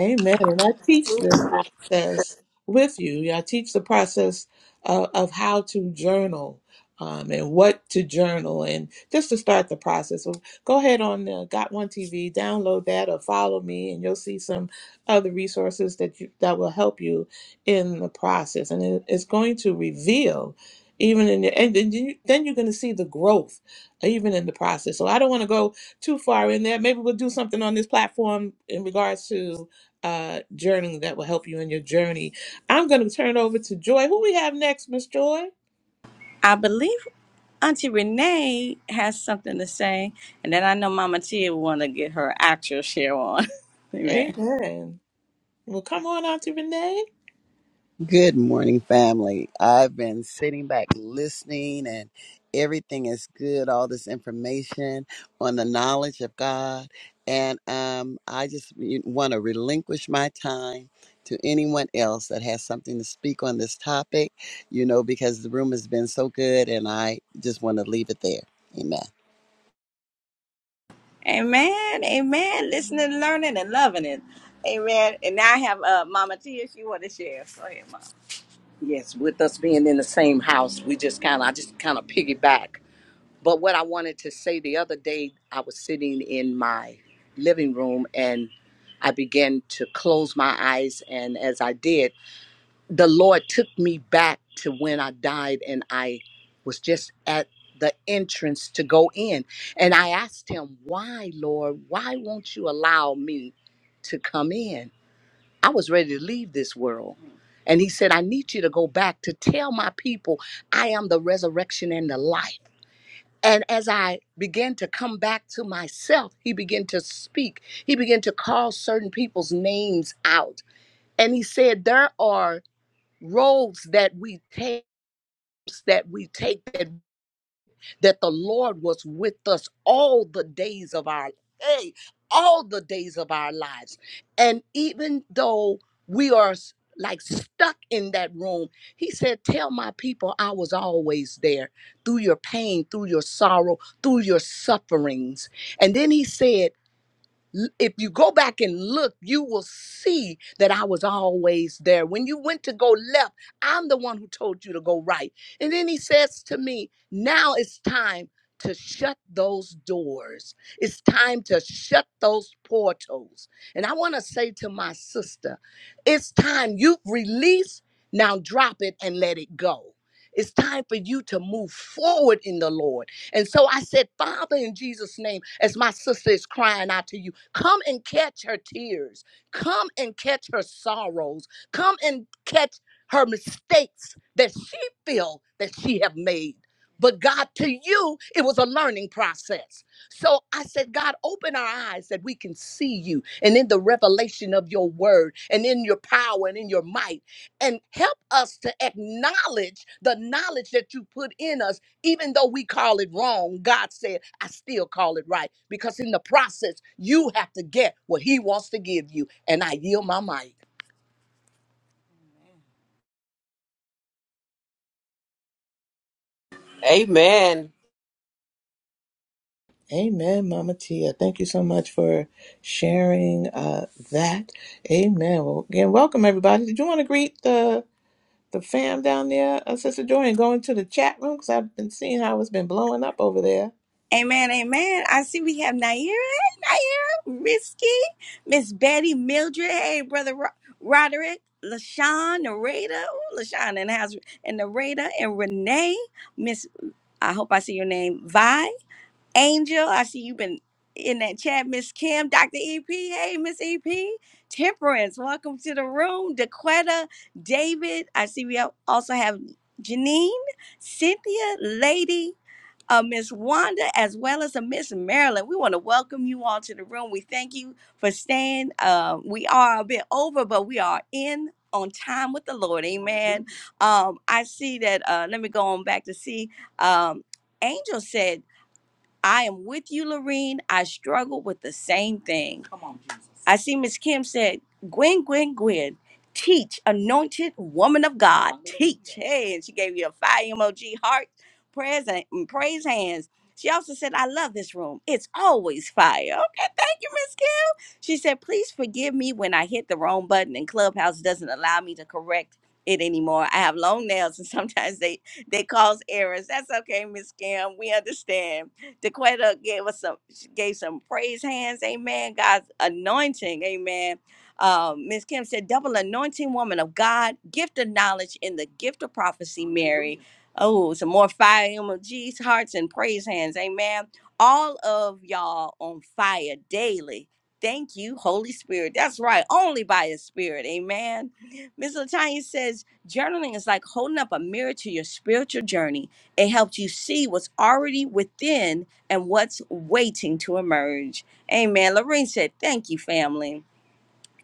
B: Amen. And I teach this process with you. Yeah, I teach the process of, of how to journal um, and what to journal and just to start the process. So go ahead on uh, Got One TV, download that or follow me, and you'll see some other resources that you, that will help you in the process. And it, it's going to reveal even in your, and then, you, then you're going to see the growth even in the process. So I don't want to go too far in there. Maybe we'll do something on this platform in regards to uh, journey that will help you in your journey. I'm going to turn over to Joy. Who we have next, Miss Joy?
E: I believe Auntie Renee has something to say, and then I know Mama Tia will want to get her actual share on. Amen.
B: Amen. Well, come on, Auntie Renee.
I: Good morning, family. I've been sitting back listening, and everything is good. All this information on the knowledge of God. And um, I just want to relinquish my time to anyone else that has something to speak on this topic, you know, because the room has been so good, and I just want to leave it there. Amen.
E: Amen. Amen. Listening, learning, and loving it. Amen. And now I have uh, Mama Tia. She want to share. Go ahead, Mama. Yes, with us being in the same house, we just kind of I just kind of piggyback But what I wanted to say the other day, I was sitting in my living room and I began to close my eyes. And as I did, the Lord took me back to when I died and I was just at the entrance to go in. And I asked him, Why, Lord? Why won't you allow me to come in? I was ready to leave this world. And he said, I need you to go back to tell my people I am the resurrection and the life. And as I began to come back to myself, he began to speak. He began to call certain people's names out. And he said, There are roads that we take that we take that that the Lord was with us all the days of our hey, all the days of our lives. And even though we are s- like stuck in that room, he said, Tell my people I was always there through your pain, through your sorrow, through your sufferings. And then he said, l- if you go back and look, you will see that I was always there. When you went to go left, I'm the one who told you to go right. And then he says to me, Now it's time to shut those doors. It's time to shut those portals. And I want to say to my sister, it's time you've released, now drop it and let it go. It's time for you to move forward in the Lord. And so I said, Father, in Jesus' name, as my sister is crying out to you. Come and catch her tears. Come and catch her sorrows. Come and catch her mistakes that she feel that she have made. But God, to you, it was a learning process. So I said, God, open our eyes that we can see you and in the revelation of your word and in your power and in your might. And help us to acknowledge the knowledge that you put in us even though we call it wrong, God said, I still call it right. Because in the process, you have to get what He wants to give you. And I yield my mic.
J: Amen.
B: Amen, Mama Tia. Thank you so much for sharing uh, that. Amen. Well, again, welcome everybody. Did you want to greet the the fam down there, uh, Sister Joy, and go into the chat room because I've been seeing how it's been blowing up over there.
E: Amen, amen. I see we have Naira, Hey, Naira, Risky, Miss Betty, Mildred, hey, Brother Ro- Roderick, LaShawn, Narada, ooh, LaShawn and house, and Narada, and Renee, Miss, I hope I see your name, Vi. Angel, I see you've been in that chat. Miss Kim, Dr. EP, hey, Miss EP. Temperance, welcome to the room. Daquetta, David, I see we al- also have Janine, Cynthia, Lady, uh, Miss Wanda, as well as a Miss Marilyn. We want to welcome you all to the room. We thank you for staying. Um, we are a bit over, but we are in on time with the Lord. Amen. Um, I see that. Uh, let me go on back to see. Um, Angel said. I am with you, Lorene. I struggle with the same thing. Come on, Jesus. I see Miss Kim said, Gwen, Gwen, Gwen, teach, anointed woman of God, Hallelujah. teach. Hey, and she gave you a fire emoji, heart, prayers, and and praise hands. She also said, I love this room. It's always fire. Okay, thank you, Miss Kim. She said, Please forgive me when I hit the wrong button and Clubhouse doesn't allow me to correct it anymore. I have long nails and sometimes they they cause errors. That's okay, Miss Kim. We understand. DeQuetta gave us some she gave some praise hands. Amen. God's anointing. Amen. Um, Miss Kim said, double anointing woman of God, gift of knowledge in the gift of prophecy, Mary. Oh, some more fire emojis, hearts, and praise hands. Amen. All of y'all on fire daily Thank you, Holy Spirit. That's right, only by His Spirit. Amen. Ms. Latanya says journaling is like holding up a mirror to your spiritual journey. It helps you see what's already within and what's waiting to emerge. Amen. Lorraine said, Thank you, family.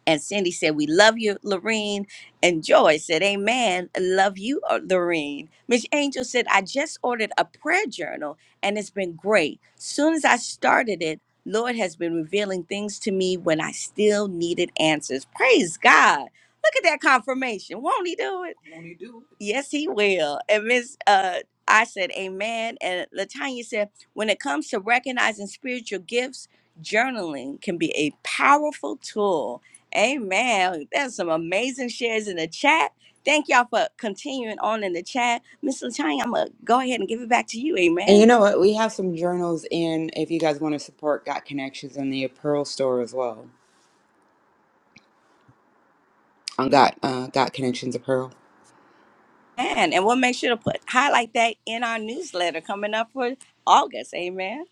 E: And Cindy said, We love you, Lorene. And Joy said, Amen. Love you, uh, Lorene. Miss Angel said, I just ordered a prayer journal and it's been great. Soon as I started it, Lord has been revealing things to me when I still needed answers. Praise God. Look at that confirmation. Won't he do it? Won't he do it? Yes, he will. And Miss uh I said, Amen. And Latanya said, when it comes to recognizing spiritual gifts, journaling can be a powerful tool Amen. There's some amazing shares in the chat. Thank y'all for continuing on in the chat. Miss Latanya, I'm gonna go ahead and give it back to you.
D: And you
E: Amen.
D: know what? We have some journals in if you guys want to support Got Connections in the Apparel store as well. On Got uh, Got Connections Apparel.
E: And and we'll make sure to put highlight that in our newsletter coming up for August. Amen.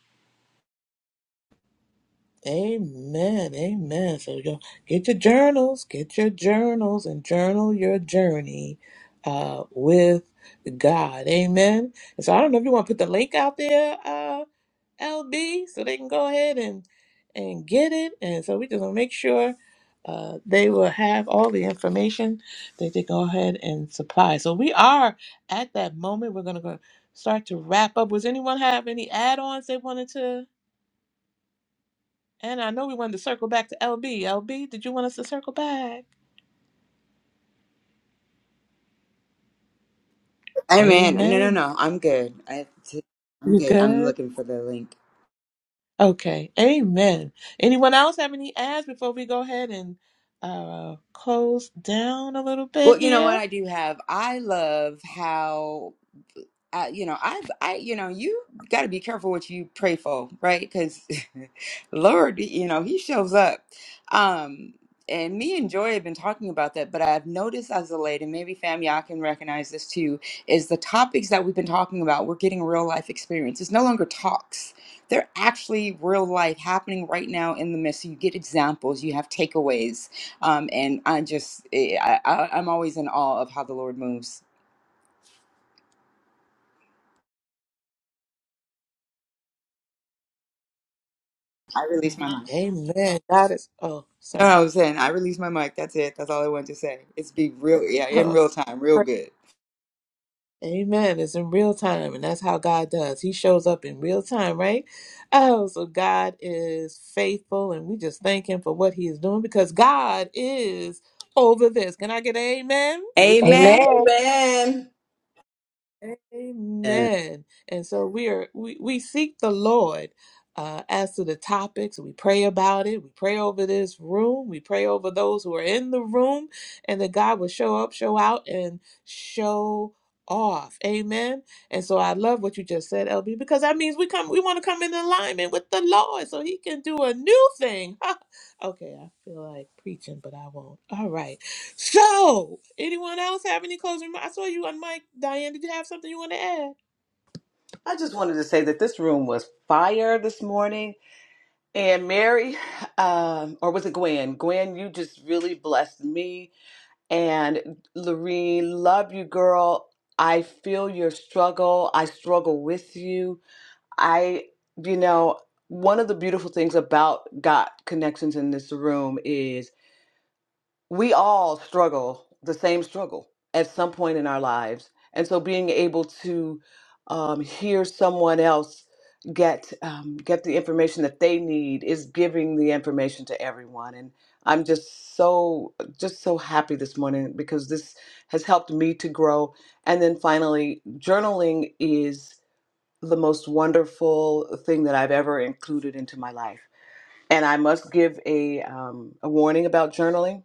B: Amen. Amen. So you get your journals, get your journals, and journal your journey uh, with God. Amen. And so I don't know if you want to put the link out there, uh, LB, so they can go ahead and and get it. And so we just want to make sure uh, they will have all the information that they go ahead and supply. So we are at that moment. We're going to go start to wrap up. Was anyone have any add-ons they wanted to? And I know we wanted to circle back to LB. LB, did you want us to circle back?
D: Hey man, no, no,
B: Amen.
D: no. I'm good. I, I'm
B: You
D: good. I'm
B: good?
D: looking for the link.
B: Okay. Amen. Anyone else have any ads before we go ahead and uh close down a little
D: Well,
B: bit
D: you know what
B: here?
D: I do have? I love how I, you know, I, I, you know, you got to be careful what you pray for, right? Because Lord, you know, He shows up. Um, and me and Joy have been talking about that, but I've noticed as of late, and maybe fam, y'all can recognize this too, is the topics that we've been talking about. We're getting real life experience. It's no longer talks; they're actually real life happening right now in the midst. So you get examples, you have takeaways, um, and I just, eh, I, I, I'm always in awe of how the Lord moves. I release my mind.
B: Amen. God is oh,
D: No, I
B: sorry.
D: was saying I released my mic. That's it. That's all I wanted to say. It's be real, yeah, in
B: Oh,
D: real time, real
B: pray-
D: good.
B: Amen. It's in real time, and that's how God does. He shows up in real time, right? Oh, so God is faithful, and we just thank Him for what He is doing because God is over this. Can I get an amen?
E: Amen. Amen.
F: Amen.
C: Amen.
I: And
B: Amen. And so we are we, we seek the Lord uh, as to the topics. We pray about it. We pray over this room. We pray over those who are in the room, and that God will show up, show out, and show off. Amen. And so I love what you just said, LB, because that means we come. We want to come in alignment with the Lord, so He can do a new thing. okay, I feel like preaching, but I won't. All right. So, anyone else have any closing remarks? I saw you on Mike. Diane, did you have something you want to add?
C: I just wanted to say that this room was fire this morning. And Mary, um, or was it Gwen? Gwen, you just really blessed me. And Lorene, love you, girl. I feel your struggle. I struggle with you. I, you know, one of the beautiful things about God connections in this room is we all struggle the same struggle at some point in our lives and so being able to um, hear someone else get um, get the information that they need is giving the information to everyone and i'm just so just so happy this morning because this has helped me to grow and then finally journaling is the most wonderful thing that i've ever included into my life and i must give a, um, a warning about journaling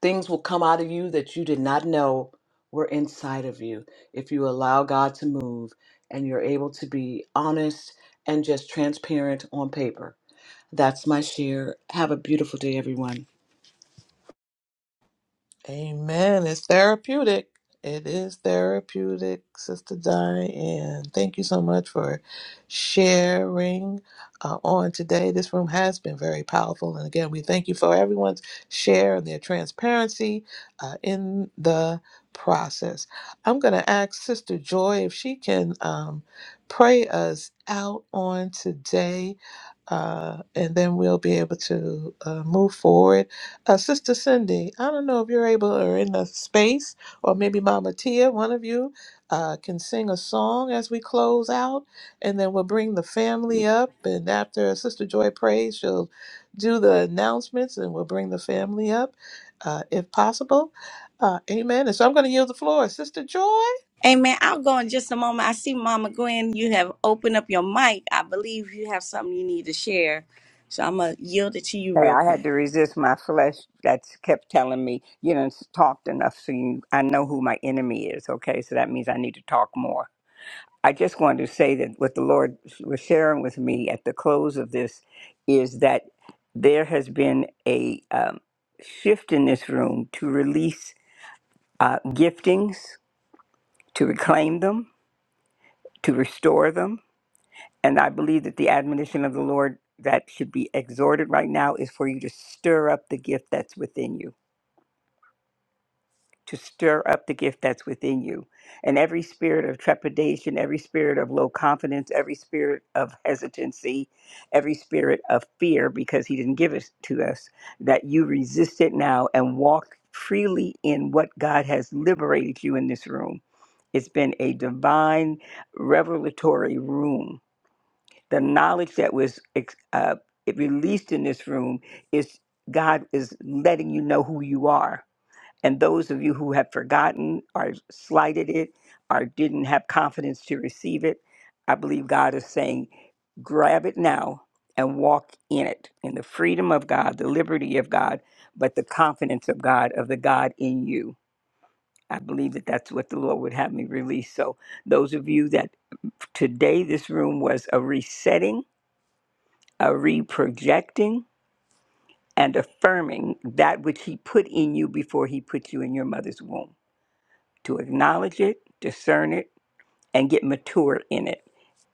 C: Things will come out of you that you did not know were inside of you if you allow God to move and you're able to be honest and just transparent on paper. That's my share. Have a beautiful day, everyone.
B: Amen. It's therapeutic. It is therapeutic, Sister Diane. Thank you so much for sharing uh, on today. This room has been very powerful. And again, we thank you for everyone's share and their transparency uh, in the process. I'm going to ask Sister Joy if she can um, pray us out on today, uh, and then we'll be able to uh, move forward. Uh, Sister Cindy, I don't know if you're able or in the space, or maybe Mama Tia, one of you, uh, can sing a song as we close out, and then we'll bring the family up. And after Sister Joy prays, she'll do the announcements, and we'll bring the family up, uh, if possible. Uh, amen. And so I'm going to yield the floor, Sister Joy.
E: Amen. I'll go in just a moment. I see Mama Gwen, you have opened up your mic. I believe you have something you need to share. So I'm gonna yield it to you
H: Hey,
E: real
H: I
E: quick.
H: had to resist my flesh that kept telling me, you know, talked enough so you I know who my enemy is, okay? So that means I need to talk more. I just wanted to say that what the Lord was sharing with me at the close of this is that there has been a um, shift in this room to release uh, giftings, to reclaim them, to restore them, And I believe that the admonition of the Lord that should be exhorted right now is for you to stir up the gift that's within you, to stir up the gift that's within you. And every spirit of trepidation, every spirit of low confidence, every spirit of hesitancy, every spirit of fear, because He didn't give it to us, that you resist it now and walk freely in what God has liberated you in this room. It's been a divine revelatory room the knowledge that was ex- uh, it released in this room is God is letting you know who you are. And those of you who have forgotten or slighted it or didn't have confidence to receive it, I believe God is saying, grab it now and walk in it, in the freedom of God, the liberty of God, but the confidence of God, of the God in you. I believe that that's what the Lord would have me release. So, those of you that today this room was a resetting uh, reprojecting and affirming that which he put in you before he put you in your mother's womb to acknowledge it discern it and get mature in it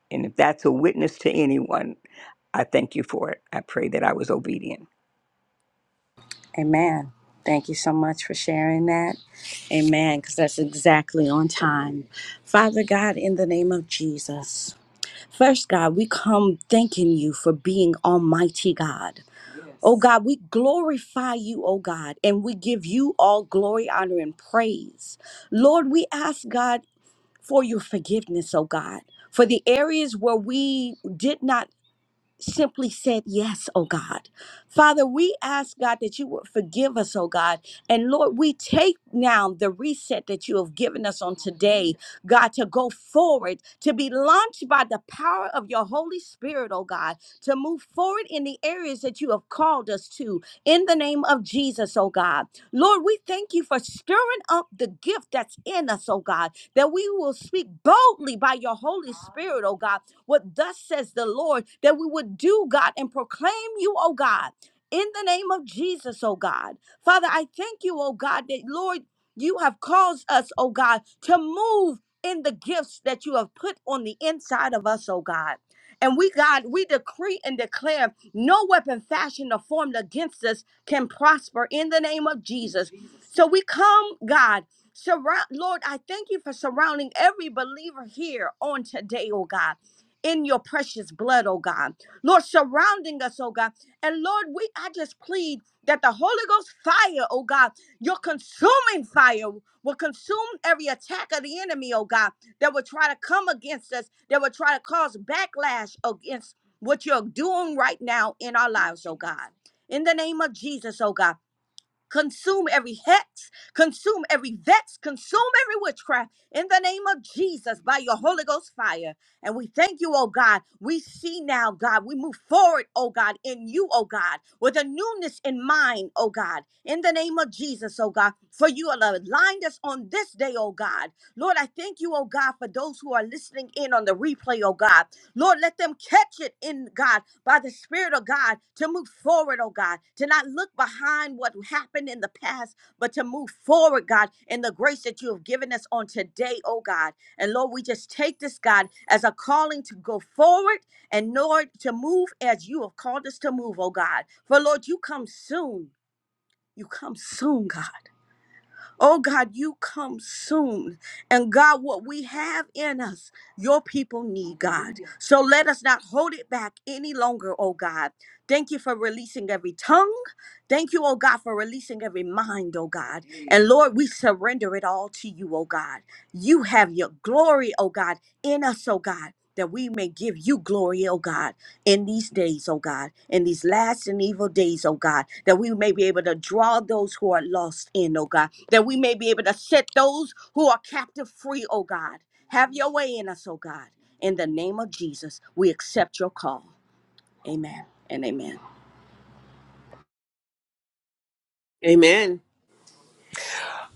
H: and if that's a witness to anyone i thank you for it i pray that i was obedient
E: Amen. Thank you so much for sharing that. Amen. Because that's exactly on time. Father God, in the name of Jesus. First, God, we come thanking you for being Almighty God. Oh God, we glorify you, oh God, and we give you all glory, honor, and praise. Lord, we ask God for your forgiveness, oh God, for the areas where we did not simply said yes, oh God. Father, we ask God that you would forgive us, oh God. And Lord, we take now the reset that you have given us on today, God, to go forward, to be launched by the power of your Holy Spirit, oh God, to move forward in the areas that you have called us to in the name of Jesus, oh God. Lord, we thank you for stirring up the gift that's in us, oh God, that we will speak boldly by your Holy Spirit, oh God what thus says the Lord, that we would do, God, and proclaim you, oh God, in the name of Jesus, oh God. Father, I thank you, oh God, that Lord, you have caused us, oh God, to move in the gifts that you have put on the inside of us, oh God. And we, God, we decree and declare no weapon fashioned or formed against us can prosper in the name of Jesus. So we come, God, surround, Lord, I thank you for surrounding every believer here on today, oh God in your precious blood, oh God. Lord, surrounding us, oh God. And Lord, we I just plead that the Holy Ghost fire, oh God, your consuming fire will consume every attack of the enemy, oh God, that will try to come against us, that will try to cause backlash against what you're doing right now in our lives, oh God. In the name of Jesus, oh God. Consume every hex, consume every vex, consume every witchcraft in the name of Jesus by your Holy Ghost fire. And we thank you, oh God. We see now, God. We move forward, oh God, in you, oh God, with a newness in mind, oh God, in the name of Jesus, oh God. For you have aligned us on this day, oh God. Lord, I thank you, oh God, for those who are listening in on the replay, oh God. Lord, let them catch it in God by the Spirit of God to move forward, oh God, to not look behind what happened in the past, but to move forward, God, in the grace that you have given us on today, oh God. And Lord, we just take this, God, as a calling to go forward and, Lord, to move as you have called us to move, oh God. For Lord, you come soon. You come soon, God. Oh God, you come soon. And God, what we have in us, your people need, God. So let us not hold it back any longer, oh God. Thank you for releasing every tongue. Thank you, oh God, for releasing every mind, oh God. And Lord, we surrender it all to you, oh God. You have your glory, oh God, in us, oh God, that we may give you glory, oh God in these days, oh God, in these last and evil days, oh God, that we may be able to draw those who are lost in, oh God, that we may be able to set those who are captive free, oh God. Have your way in us, oh God. In the name of Jesus, we accept your call. Amen and amen.
J: Amen.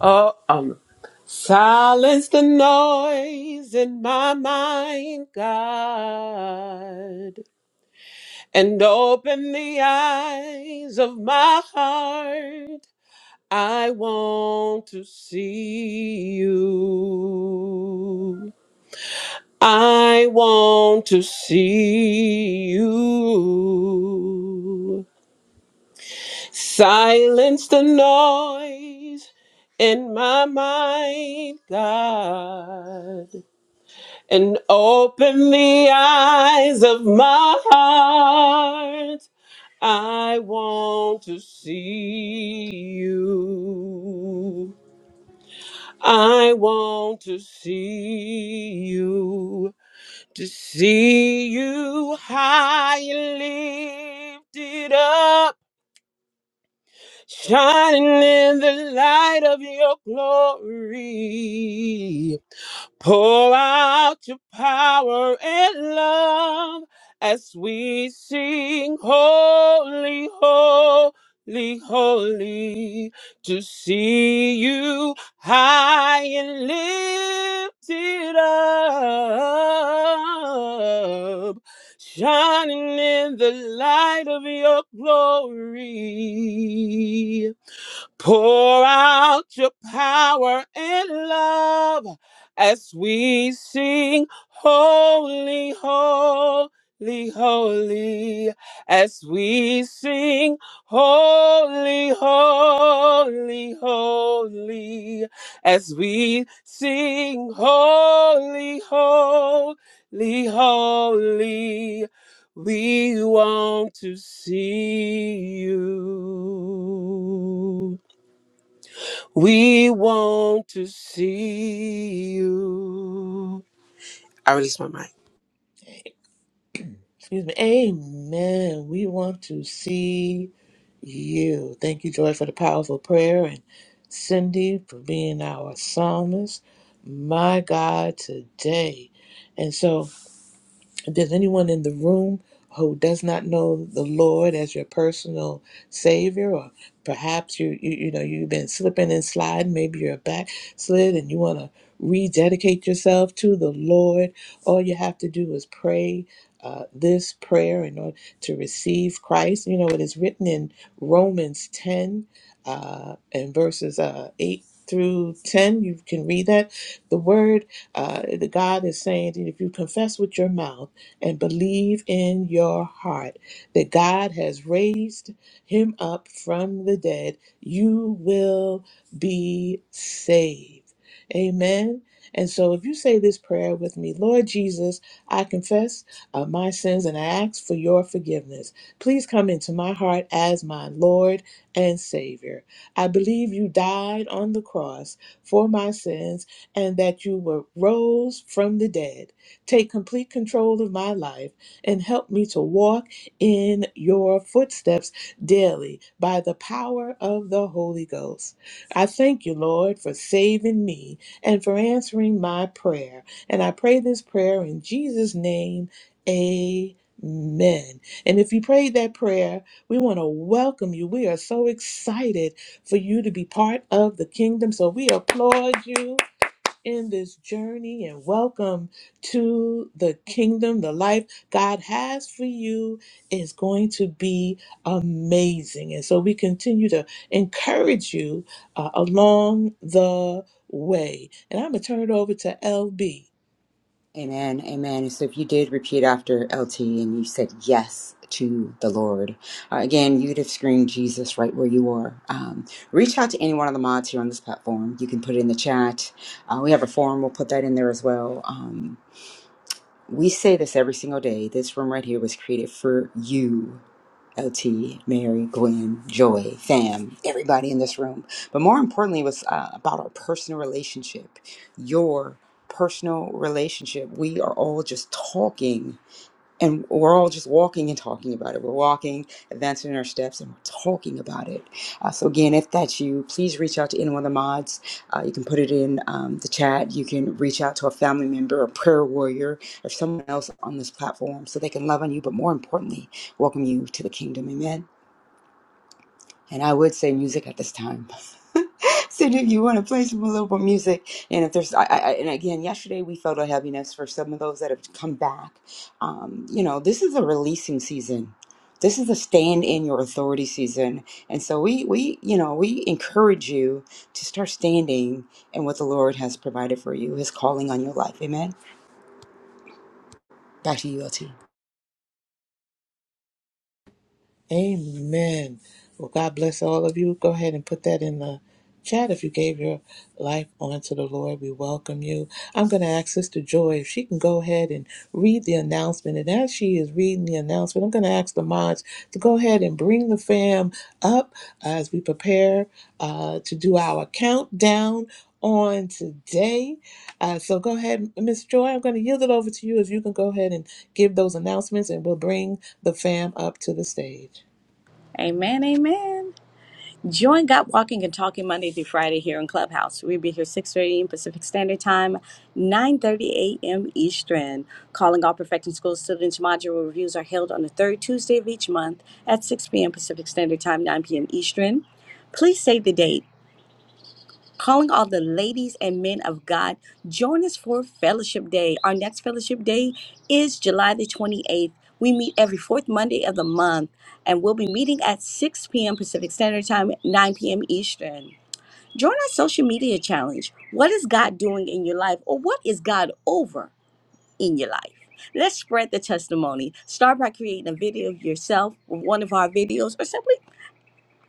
J: Oh, um, silence the noise in my mind, God, and open the eyes of my heart. I want to see you. I want to see you. Silence the noise in my mind, God, and open the eyes of my heart. I want to see you. I want to see you. to see you high and lifted up, shining in the light of your glory. Pour out your power and love as we sing holy, holy, holy. To see you high and lifted up, shining in the light of your glory. Pour out your power and love as we sing, Holy, Holy, Holy, as we sing, Holy, Holy, Holy, as we sing, Holy, Holy, Holy, we want to see you. We want to see you. I release my mic.
B: Excuse me. Amen. We want to see you. Thank you, Joy, for the powerful prayer and Cindy for being our psalmist. My God, today. And so does anyone in the room who does not know the Lord as your personal Savior, or perhaps you you, you know you've been slipping and sliding, maybe you're a backslid and you want to rededicate yourself to the Lord? All you have to do is pray uh, this prayer in order to receive Christ. You know it is written in Romans ten uh, and verses uh, eight through 10 you can read that the word uh, the god is saying that if you confess with your mouth and believe in your heart that God has raised him up from the dead, you will be saved. Amen. And so, if you say this prayer with me, Lord Jesus, I confess uh, my sins and I ask for your forgiveness. Please come into my heart as my Lord and Savior. I believe you died on the cross for my sins and that you were rose from the dead. Take complete control of my life and help me to walk in your footsteps daily by the power of the Holy Ghost. I thank you, Lord, for saving me and for answering my prayer. And I pray this prayer in Jesus' name. Amen. And if you prayed that prayer, we want to welcome you. We are so excited for you to be part of the kingdom. So we applaud you in this journey and welcome to the kingdom. The life God has for you is going to be amazing. And so we continue to encourage you uh, along the way. And I'm going to turn it over to LB.
D: Amen. Amen. So if you did repeat after LT and you said yes to the Lord, uh, again, you'd have screamed Jesus right where you are. Um, reach out to any one of the mods here on this platform. You can put it in the chat. Uh, we have a forum. We'll put that in there as well. Um, we say this every single day. This room right here was created for you. LT, Mary, Gwen, Joy, fam, everybody in this room. But more importantly, it was uh, about our personal relationship, your personal relationship. We are all just talking and we're all just walking and talking about it. We're walking, advancing our steps, and we're talking about it. Uh, so again, if that's you, please reach out to any one of the mods. Uh, you can put it in um, the chat. You can reach out to a family member, a prayer warrior, or someone else on this platform, so they can love on you, but more importantly, welcome you to the kingdom. Amen. And I would say music at this time. Cindy, if you want to play some a little bit of music, and if there's, I, I, and again, yesterday we felt a heaviness for some of those that have come back. Um, you know, this is a releasing season. This is a stand in your authority season, and so we, we, you know, we encourage you to start standing in what the Lord has provided for you, His calling on your life. Amen. Back to you, LT.
B: Amen. Well, God bless all of you. Go ahead and put that in the chat if you gave your life onto the Lord. We welcome you. I'm going to ask Sister Joy if she can go ahead and read the announcement. And as she is reading the announcement, I'm going to ask the mods to go ahead and bring the fam up as we prepare uh, to do our countdown on today. Uh, so go ahead, Miss Joy. I'm going to yield it over to you if you can go ahead and give those announcements and we'll bring the fam up to the stage.
E: Amen. Amen. Join God Walking and Talking Monday through Friday here in Clubhouse. We'll be here 6.30 a.m. Pacific Standard Time, 9.30 a.m. Eastern. Calling all Perfecting School students module reviews are held on the third Tuesday of each month at 6 p.m. Pacific Standard Time, 9 p.m. Eastern. Please save the date calling all the ladies and men of God. Join us for Fellowship Day. Our next Fellowship Day is July the 28th. We meet every fourth Monday of the month, and we'll be meeting at 6 p.m. Pacific Standard Time, 9 p.m. Eastern. Join our social media challenge. What is God doing in your life, or what is God over in your life? Let's spread the testimony. Start by creating a video of yourself with one of our videos, or simply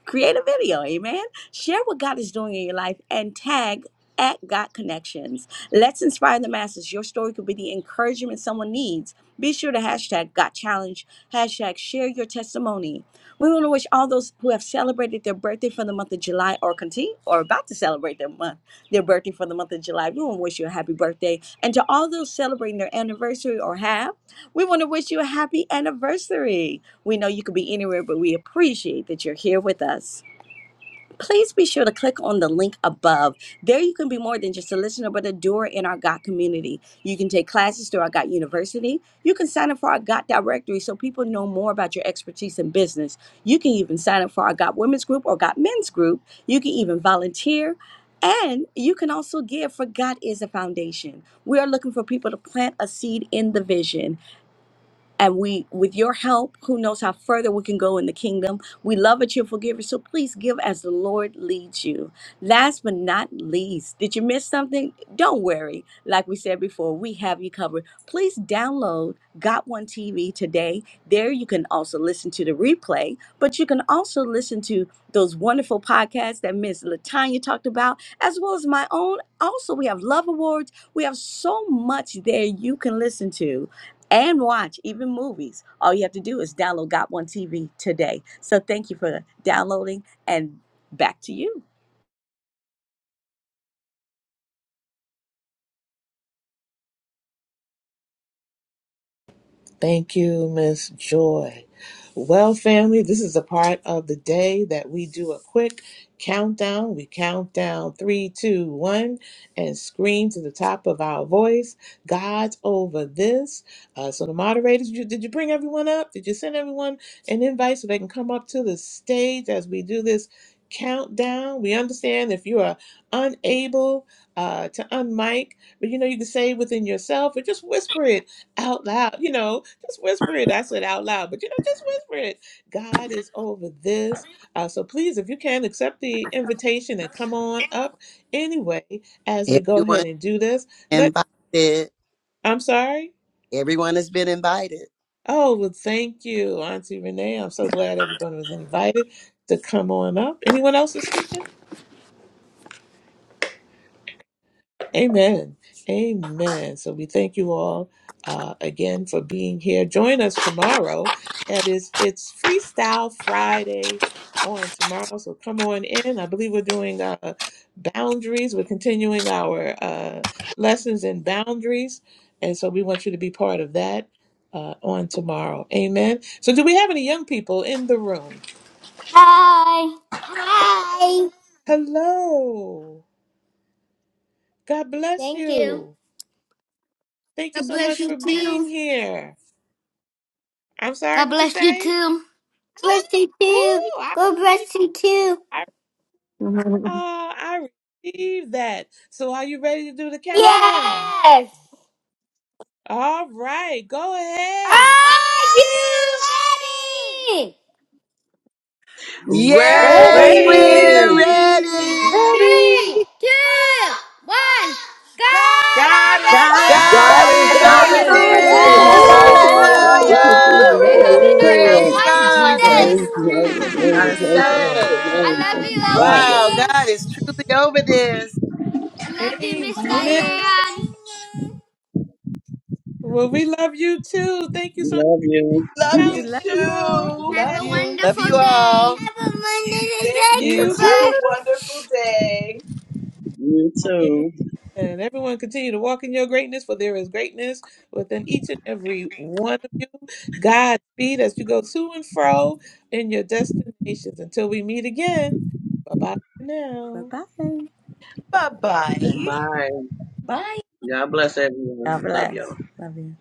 E: create a video amen share what god is doing in your life and tag at god connections let's inspire the masses your story could be the encouragement someone needs be sure to hashtag got challenge hashtag share your testimony we want to wish all those who have celebrated their birthday for the month of july or continue or about to celebrate their month their birthday for the month of july we want to wish you a happy birthday and to all those celebrating their anniversary or have we want to wish you a happy anniversary we know you could be anywhere, but we appreciate that you're here with us. Please be sure to click on the link above. There, you can be more than just a listener, but a doer in our GOT community. You can take classes through our GOT University. You can sign up for our GOT directory so people know more about your expertise in business. You can even sign up for our GOT women's group or GOT men's group. You can even volunteer. And you can also give for God is a foundation. We are looking for people to plant a seed in the vision. And we, with your help, who knows how further we can go in the kingdom. We love a cheerful giver, so please give as the Lord leads you. Last but not least, did you miss something? Don't worry. Like we said before, we have you covered. Please download Got One TV today. There you can also listen to the replay, but you can also listen to those wonderful podcasts that Miss Latanya talked about, as well as my own. Also, we have Love Awards. We have so much there you can listen to and watch even movies. All you have to do is download Got One TV today. So thank you for downloading and back to you.
B: Thank you, Miss Joy. Well, family, this is a part of the day that we do a quick countdown. We count down three, two, one, and scream to the top of our voice, God's over this. Uh, so, the moderators, you, did you bring everyone up? Did you send everyone an invite so they can come up to the stage as we do this countdown? We understand if you are unable uh, to unmic, but you know, you can say within yourself or just whisper it out loud, you know, just whisper it. I said out loud, but you know, just whisper it. God is over
L: Yeah.
B: this. Uh, so please, if you can, accept the invitation and come on up anyway as we go
I: everyone
B: ahead and do this. Let
I: invited,
B: I'm sorry.
I: everyone has been invited.
B: Oh, well, thank you, Auntie Renee. I'm so glad everyone was invited to come on up. Anyone else is speaking? Amen. Amen. So we thank you all uh, again for being here. Join us tomorrow That is, it's, it's Freestyle Friday on tomorrow. So come on in. I believe we're doing uh, boundaries. We're continuing our uh, lessons in boundaries. And so we want you to be part of that uh, on tomorrow. Amen. So, do we have any young people in the room?
M: Hi. Hi.
B: Hello. God bless
M: Thank you.
B: you. Thank you
M: God
B: so
M: bless
B: much
M: you
B: for being
M: too.
B: here. I'm
M: God
B: sorry, what you
M: bless you
B: say?
M: too. God Bless you too.
B: Ooh, I,
M: God
B: re-
M: bless you too.
B: I, uh, I received that. So are you ready to do the countdown?
M: Yes.
B: All right, go ahead.
M: Are you ready?
N: Ready!
I: Yes,
B: Ready.
O: Ready,
I: we're
E: Ready?
I: ready.
M: Three,
O: ready.
M: two, one. God of
J: God is
M: the
J: over
E: God's
I: God
N: God
E: over
N: is
I: is
B: Go
K: God
J: this.
N: over
K: is
I: over
B: ahead.
K: over
O: God's
E: this.
J: Woo!
N: this!
O: over
I: this.
C: Yes.
K: this. Woo
O: this.
N: Hallelujah! Thank
E: Woo-woo.
N: you,
K: woo.
N: Jesus!
I: Hallelujah.
M: I hope
C: Woo!
M: you
O: Woohoo!
K: Yay,
M: guys
K: yay.
M: have a
I: Praise
N: Hallelujah!
M: wonderful
I: God. Thank
K: Jesus.
M: day.
I: you,
N: Praise the
B: Woo.
N: Holy
I: Jesus, for
K: God
I: this
N: Name!
K: is
N: Praise the
K: so
N: Holy
I: day.
M: I
N: Name!
M: love
N: Thank
M: you,
K: good.
N: you, Father!
I: Wow, God is
M: LB.
I: truly over this.
M: I love you,
E: Yes,
M: Miss
E: he
B: Amen.
E: is.
M: Diane.
B: Well, we love you too. Thank you so much.
N: Love you!
C: Love
E: We
C: you
E: love
B: Countdown.
E: you all.
C: too.
M: Have a
I: Love you
M: wonderful day.
I: all.
M: Have a wonderful
C: Thank
M: day,
E: You
C: you.
B: You
C: Have
M: Cooper.
C: a
E: too.
B: too.
C: wonderful day.
N: You too!
B: And everyone continue to walk in your greatness, for there is greatness within each and every one of you. God speed as you go to and fro in your destinations. Until we meet again, bye bye for
E: Bye
B: now.
E: bye.
C: Bye bye.
N: Bye!
E: Bye.
N: God bless
E: God
N: everyone! Love y'all!
E: bless. Love you.